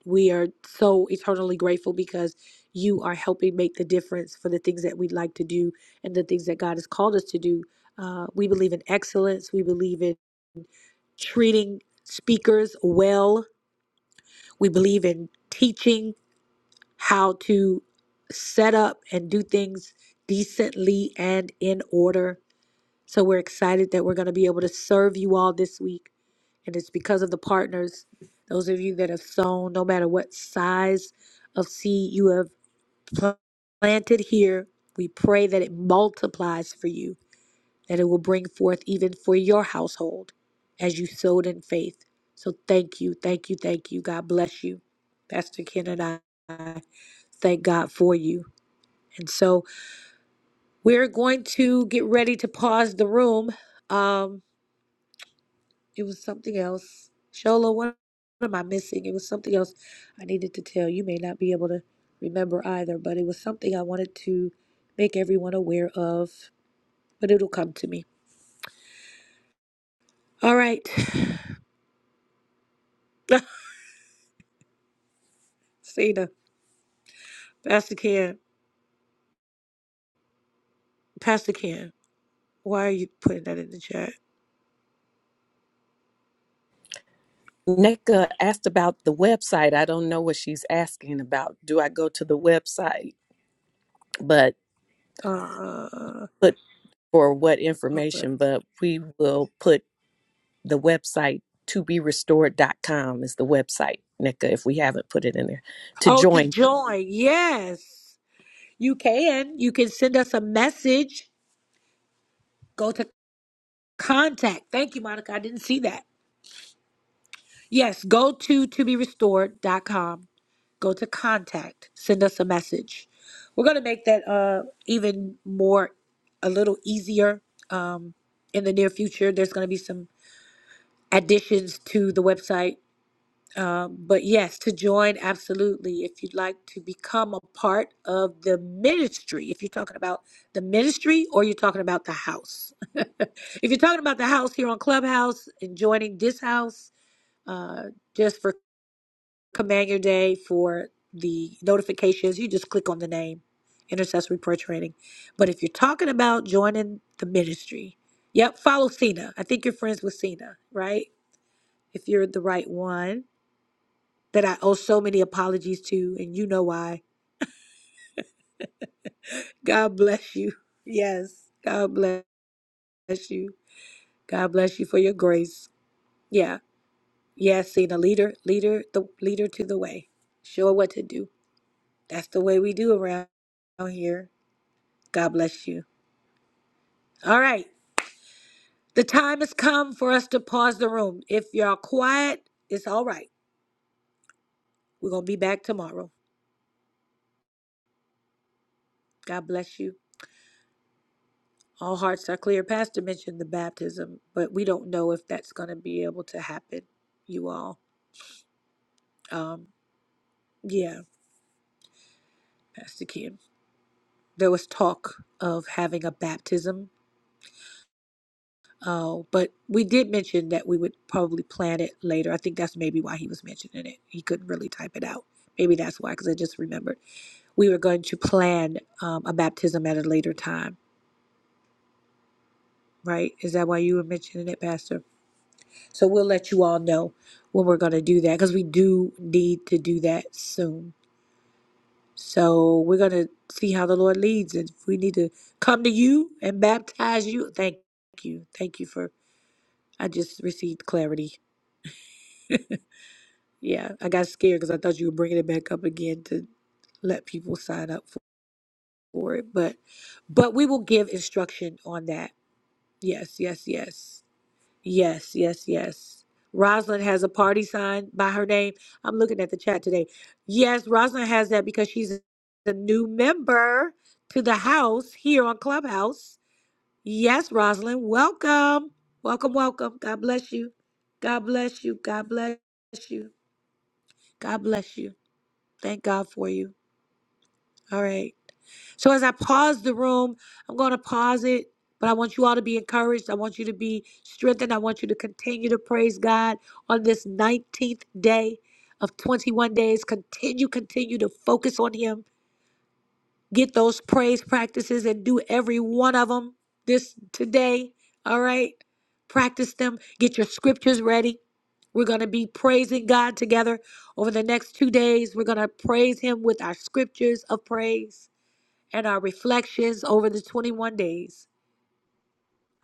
we are so eternally grateful because you are helping make the difference for the things that we'd like to do and the things that God has called us to do. Uh, we believe in excellence. We believe in treating speakers well. We believe in teaching how to set up and do things decently and in order. So we're excited that we're going to be able to serve you all this week. And it's because of the partners, those of you that have sown, no matter what size of seed you have planted here, we pray that it multiplies for you, that it will bring forth even for your household as you sowed in faith. So thank you, thank you, thank you. God bless you. Pastor Ken and I thank God for you. And so we're going to get ready to pause the room. Um, It was something else. Shola, what, am I missing? It was something else I needed to tell. You may not be able to remember either, but it was something I wanted to make everyone aware of. But it'll come to me. All right. Cena, Pastor Ken, Pastor Ken, why are you putting that in the chat?
Neka asked about the website. I don't know what she's asking about. Do I go to the website? But
Uh,
put for what
okay.
information? But we will put. the website to be restored dot com is the website, NECA, if we haven't put it in there, to
Oh, to
join
join. Yes. You can. You can send us a message. Go to contact. Thank you, Monica. I didn't see that. Yes, go to to be restored dot com. Go to contact. Send us a message. We're going to make that uh, even more, a little easier um, in the near future. There's going to be some additions to the website. Um, but yes, to join, absolutely. If you'd like to become a part of the ministry, if you're talking about the ministry or you're talking about the house, if you're talking about the house here on Clubhouse and joining this house, uh, just for Command Your Day for the notifications. You just click on the name, Intercessory Prayer Training. But if you're talking about joining the ministry, yep, follow Cena. I think you're friends with Cena, right? If you're the right one that I owe so many apologies to, and you know why. God bless you. Yes, God bless you. God bless you for your grace. Yeah, yes, Cena, leader, leader, the leader to the way. Show her what to do. That's the way we do around here. God bless you. All right. The time has come for us to pause the room. If y'all quiet, it's all right. We're going to be back tomorrow. God bless you. All hearts are clear. Pastor mentioned the baptism, but we don't know if that's going to be able to happen, you all. Um, yeah, Pastor Kim. There was talk of having a baptism, uh, but we did mention that we would probably plan it later. I think that's maybe why he was mentioning it. He couldn't really type it out. Maybe that's why, because I just remembered. we were going to plan um, a baptism at a later time, right? Is that why you were mentioning it, Pastor? So we'll let you all know when we're going to do that because we do need to do that soon. So we're going to see how the Lord leads. And if we need to come to you and baptize you, thank you. Thank you for, I just received clarity. Yeah, I got scared because I thought you were bringing it back up again to let people sign up for for it. But but we will give instruction on that. Yes, yes, yes. Yes, yes, yes. Rosalind has a party sign by her name. I'm looking at the chat today. Yes, Rosalind has that because she's a new member to the house here on Clubhouse. Yes, Rosalind, welcome. Welcome, welcome. God bless you. God bless you. God bless you. God bless you. Thank God for you. All right. So as I pause the room, I'm going to pause it, but I want you all to be encouraged. I want you to be strengthened. I want you to continue to praise God on this 19th day of 21 days. Continue, continue to focus on Him. Get those praise practices and do every one of them this today. All right. Practice them. Get your scriptures ready. We're going to be praising God together over the next two days. We're going to praise Him with our scriptures of praise and our reflections over the 21 days,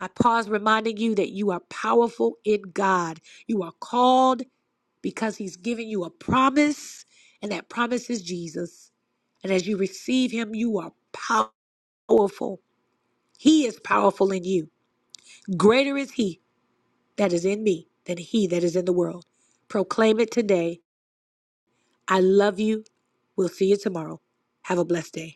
I pause reminding you that you are powerful in God. You are called because He's given you a promise, and that promise is Jesus. And as you receive Him, you are powerful. He is powerful in you. Greater is He that is in me than He that is in the world. Proclaim it today. I love you. We'll see you tomorrow. Have a blessed day.